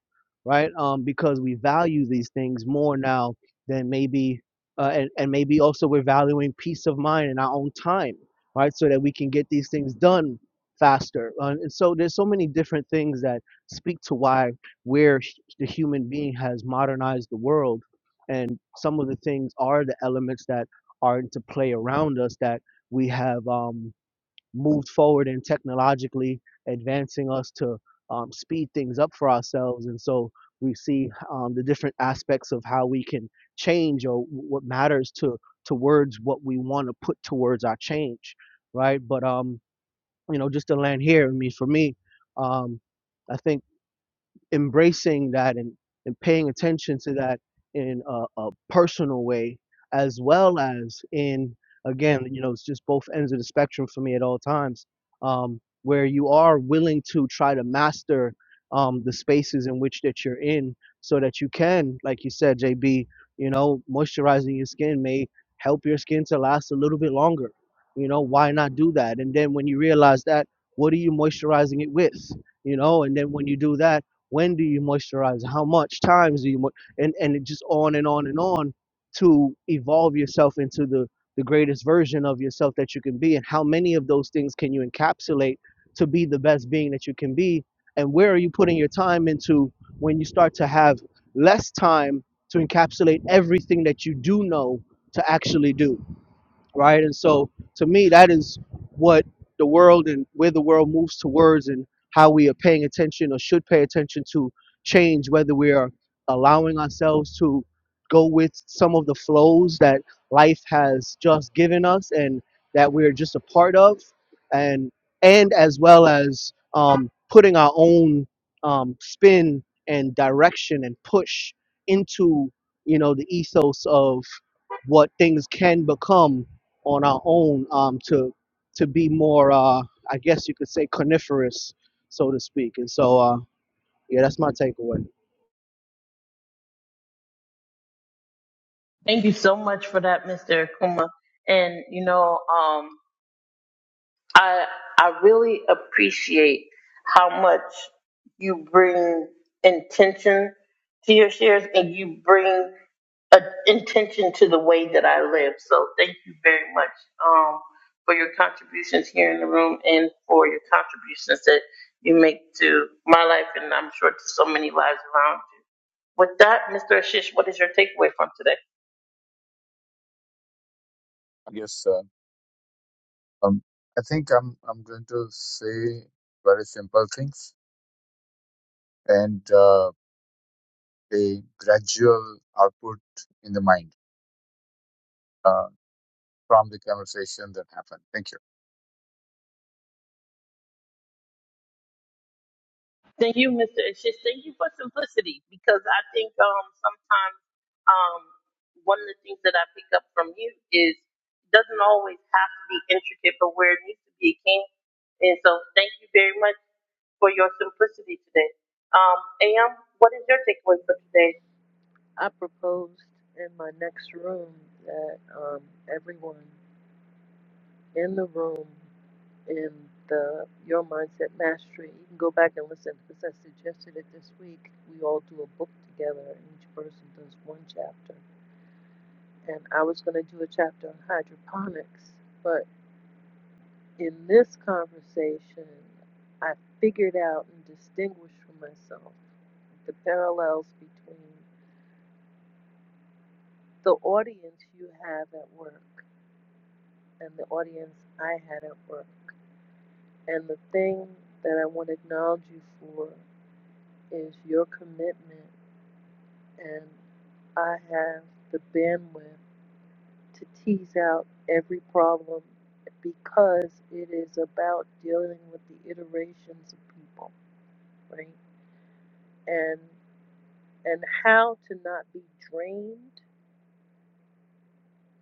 [SPEAKER 3] right? Um, because we value these things more now than maybe, uh, and, and maybe also we're valuing peace of mind and our own time, right? So that we can get these things done faster. Uh, and so there's so many different things that speak to why where the human being has modernized the world, and some of the things are the elements that are into play around us that we have um, moved forward in technologically advancing us to um, speed things up for ourselves, and so we see um, the different aspects of how we can change or what matters to towards what we want to put towards our change right but um you know, just to land here. I mean, for me, um, I think embracing that and, and paying attention to that in a, a personal way as well as in again you know it's just both ends of the spectrum for me at all times um, where you are willing to try to master um, the spaces in which that you're in so that you can like you said jb you know moisturizing your skin may help your skin to last a little bit longer you know why not do that and then when you realize that what are you moisturizing it with you know and then when you do that when do you moisturize how much times do you mo- and and it just on and on and on to evolve yourself into the the greatest version of yourself that you can be and how many of those things can you encapsulate to be the best being that you can be and where are you putting your time into when you start to have less time to encapsulate everything that you do know to actually do right? And so to me, that is what the world and where the world moves towards and how we are paying attention or should pay attention to change, whether we are allowing ourselves to go with some of the flows that life has just given us and that we're just a part of and and as well as um, putting our own um, spin and direction and push into you know the ethos of what things can become on our own um, to to be more, uh, I guess you could say, coniferous, so to speak. And so, uh, yeah, that's my takeaway.
[SPEAKER 1] Thank you so much for that, Mr. Akuma. And you know, um, I I really appreciate how much you bring intention to your shares, and you bring a, intention to the way that I live. So thank you very much um, for your contributions here in the room, and for your contributions that you make to my life, and I'm sure to so many lives around you. With that, Mr. Ashish, what is your takeaway from today?
[SPEAKER 4] Yes, sir. Um, I think I'm I'm going to say very simple things and uh, a gradual output in the mind. Uh, from the conversation that happened. Thank you.
[SPEAKER 1] Thank you, Mr. Ashish. Thank you for simplicity because I think um, sometimes um, one of the things that I pick up from you is it doesn't always have to be intricate, but where it needs to be, it can. And so thank you very much for your simplicity today. Um, AM, what is your takeaway for today?
[SPEAKER 5] I proposed in my next room that um, everyone in the room in the Your Mindset Mastery, you can go back and listen because I suggested it this week. We all do a book together, and each person does one chapter. And I was going to do a chapter on hydroponics, but in this conversation, I figured out and distinguished for myself the parallels between the audience you have at work and the audience I had at work. And the thing that I want to acknowledge you for is your commitment, and I have the bandwidth to tease out every problem because it is about dealing with the iterations of people, right? And and how to not be drained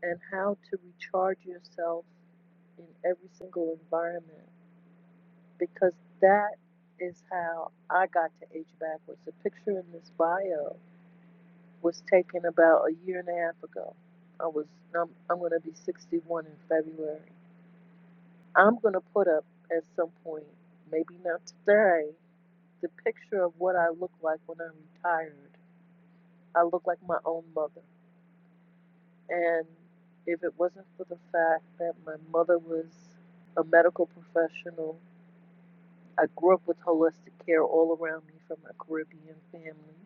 [SPEAKER 5] and how to recharge yourself in every single environment because that is how I got to Age Backwards. The picture in this bio was taken about a year and a half ago. I was I'm, I'm going to be 61 in February. I'm going to put up at some point, maybe not today, the picture of what I look like when I'm retired. I look like my own mother. And if it wasn't for the fact that my mother was a medical professional, I grew up with holistic care all around me from my Caribbean family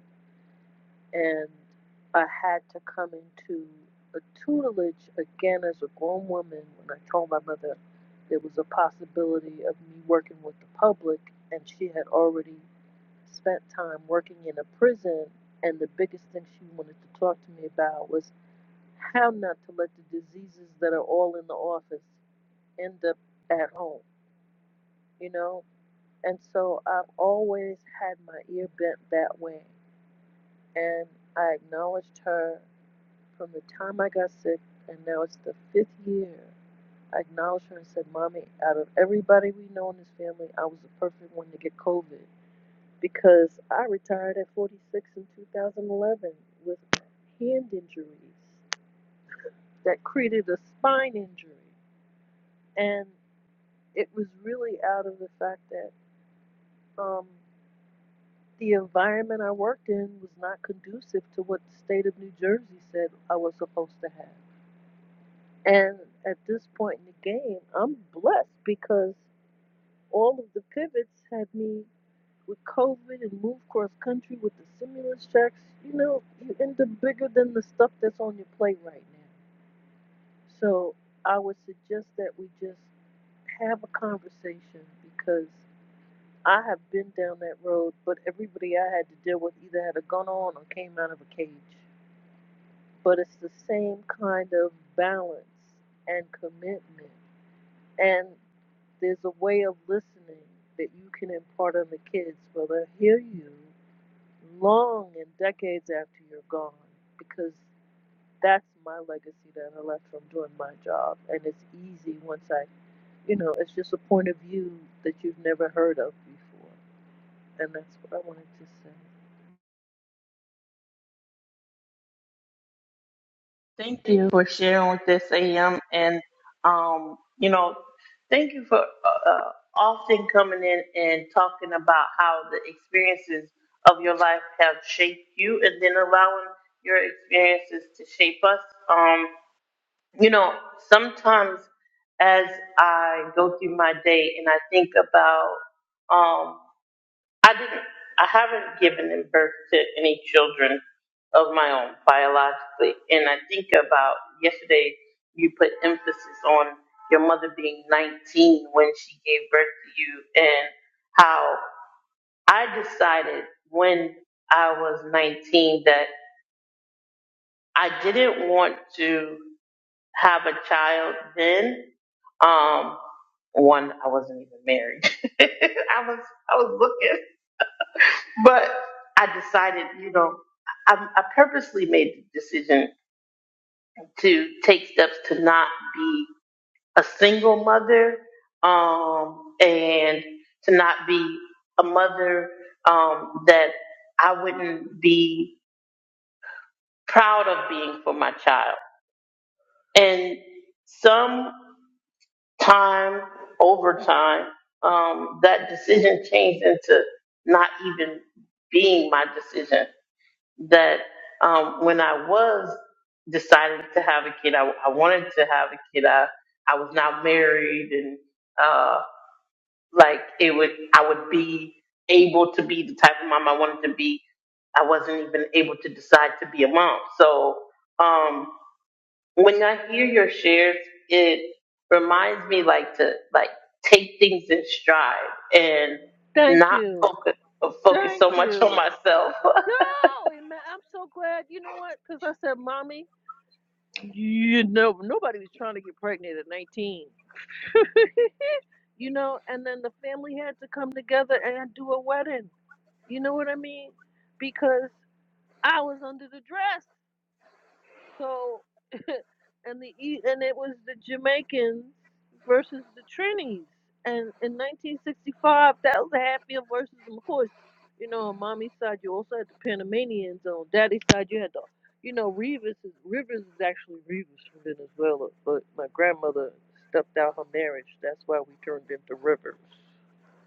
[SPEAKER 5] and I had to come into a tutelage again as a grown woman when I told my mother there was a possibility of me working with the public, and she had already spent time working in a prison. And the biggest thing she wanted to talk to me about was how not to let the diseases that are all in the office end up at home, you know? And so I've always had my ear bent that way. And I acknowledged her From the time I got sick, and now it's the fifth year, I acknowledged her and said, Mommy, out of everybody we know in this family, I was the perfect one to get COVID because I retired at 46 in 2011 with hand injuries that created a spine injury. And it was really out of the fact that um, the environment I worked in was not conducive to what the state of New Jersey said I was supposed to have. And at this point in the game, I'm blessed because all of the pivots had me with COVID and move cross country with the stimulus checks. You know, you end up bigger than the stuff that's on your plate right now. So I would suggest that we just have a conversation because I have been down that road, but everybody I had to deal with either had a gun on or came out of a cage. But it's the same kind of balance and commitment. And There's a way of listening that you can impart on the kids where they'll hear you long and decades after you're gone because that's my legacy that I left from doing my job. And it's easy once I, you know, it's just a point of view that you've never heard of before. And that's what I wanted to say.
[SPEAKER 1] Thank you for sharing with this AM, and um, you know, thank you for uh, uh, often coming in and talking about how the experiences of your life have shaped you, and then allowing your experiences to shape us. Um, you know, sometimes as I go through my day and I think about um, I didn't. I haven't given in birth to any children of my own biologically, and I think about yesterday. You put emphasis on your mother being 19 when she gave birth to you, and how I decided when I was 19 that I didn't want to have a child then. Um, one, I wasn't even married. I was, I was looking. But I decided, you know, I, I purposely made the decision to take steps to not be a single mother um, and to not be a mother um, that I wouldn't be proud of being for my child. And some time over time, um, that decision changed into not even being my decision that um, when I was deciding to have a kid, I, I wanted to have a kid. I, I was not married, and uh, like it would, I would be able to be the type of mom I wanted to be. I wasn't even able to decide to be a mom. So um, when I hear your shares, it reminds me like to like take things in stride and
[SPEAKER 5] Thank
[SPEAKER 1] not
[SPEAKER 5] you.
[SPEAKER 1] focus focus
[SPEAKER 5] Thank
[SPEAKER 1] so much on
[SPEAKER 5] you.
[SPEAKER 1] myself
[SPEAKER 5] Yo, and I'm so glad. You know what? Because I said, Mommy, you know, nobody was trying to get pregnant at 19. you know, and then the family had to come together and do a wedding. You know what I mean? Because I was under the dress. So and the E- and it was the Jamaicans versus the Trinis. And in 1965, that was the Hatfield versus them. Of course, you know, on mommy's side you also had the Panamanians. On daddy's side you had the, you know, Rivas. Is, Rivers is actually Rivas from Venezuela, but my grandmother stepped out her marriage. That's why we turned into Rivers.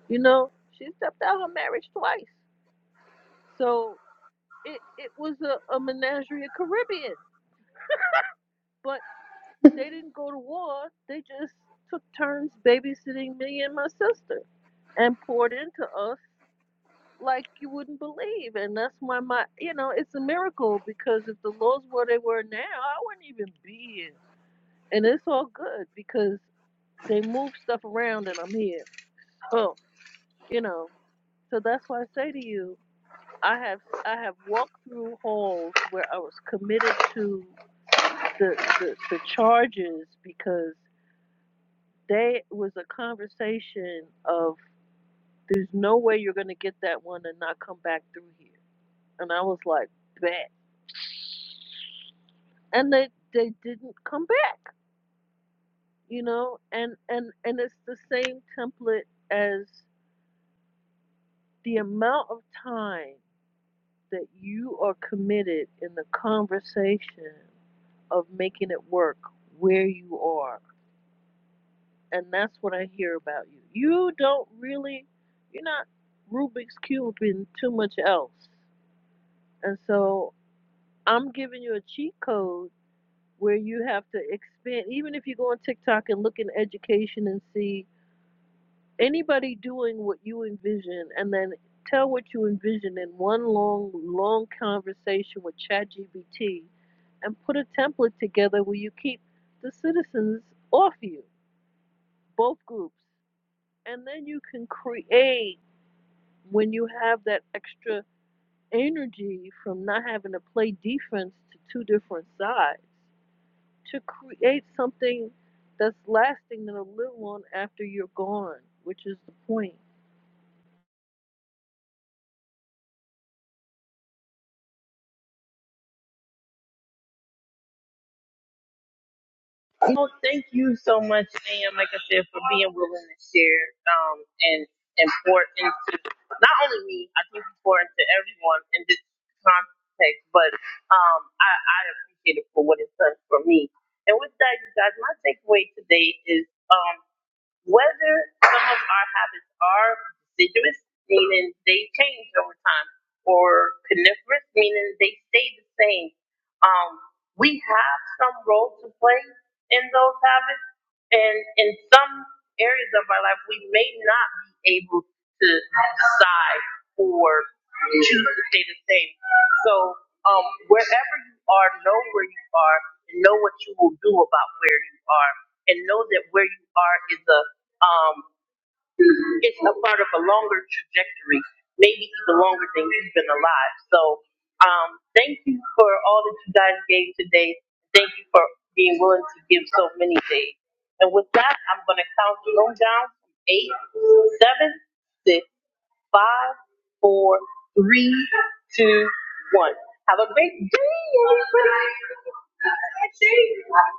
[SPEAKER 5] You know, she stepped out her marriage twice. So it it was a, a menagerie of Caribbean. But they didn't go to war. They just took turns babysitting me and my sister and poured into us like you wouldn't believe. And that's why my you know, it's a miracle because if the laws were they were now, I wouldn't even be here. And it's all good because they move stuff around and I'm here. So, you know, so that's why I say to you, I have I have walked through halls where I was committed to the the, the charges because they it was a conversation of there's no way you're gonna get that one and not come back through here. And I was like, bet. And they they didn't come back, you know, and, and, and it's the same template as the amount of time that you are committed in the conversation of making it work where you are. And that's what I hear about you. You don't really, you're not Rubik's Cubing too much else. And so I'm giving you a cheat code where you have to expand, even if you go on TikTok and look in education and see anybody doing what you envision and then tell what you envision in one long, long conversation with ChatGPT and put a template together where you keep the citizens off you both groups. And then you can create when you have that extra energy from not having to play defense to two different sides to create something that's lasting that'll live on after you're gone, which is the point.
[SPEAKER 1] No, thank you so much, Sam. Like I said, for being willing to share um, and important to not only me, I think it's important to everyone in this context, but um, I, I appreciate it for what it's done for me. And with that, you guys, my takeaway today is. um, whether some of our habits are deciduous, meaning they change over time, or coniferous, meaning they stay the same, um, we have some role to play in those habits. And in some areas of our life, we may not be able to decide or choose to stay the same. So, um, wherever you are, know where you are and know what you will do about where you are and know that where you are is a um, it's a part of a longer trajectory, maybe even longer than you've been alive. So, um, thank you for all that you guys gave today. Thank you for being willing to give so many days. And with that, I'm going to count the room down from eight, seven, six, five, four, three, two, one. Have a great day, everybody.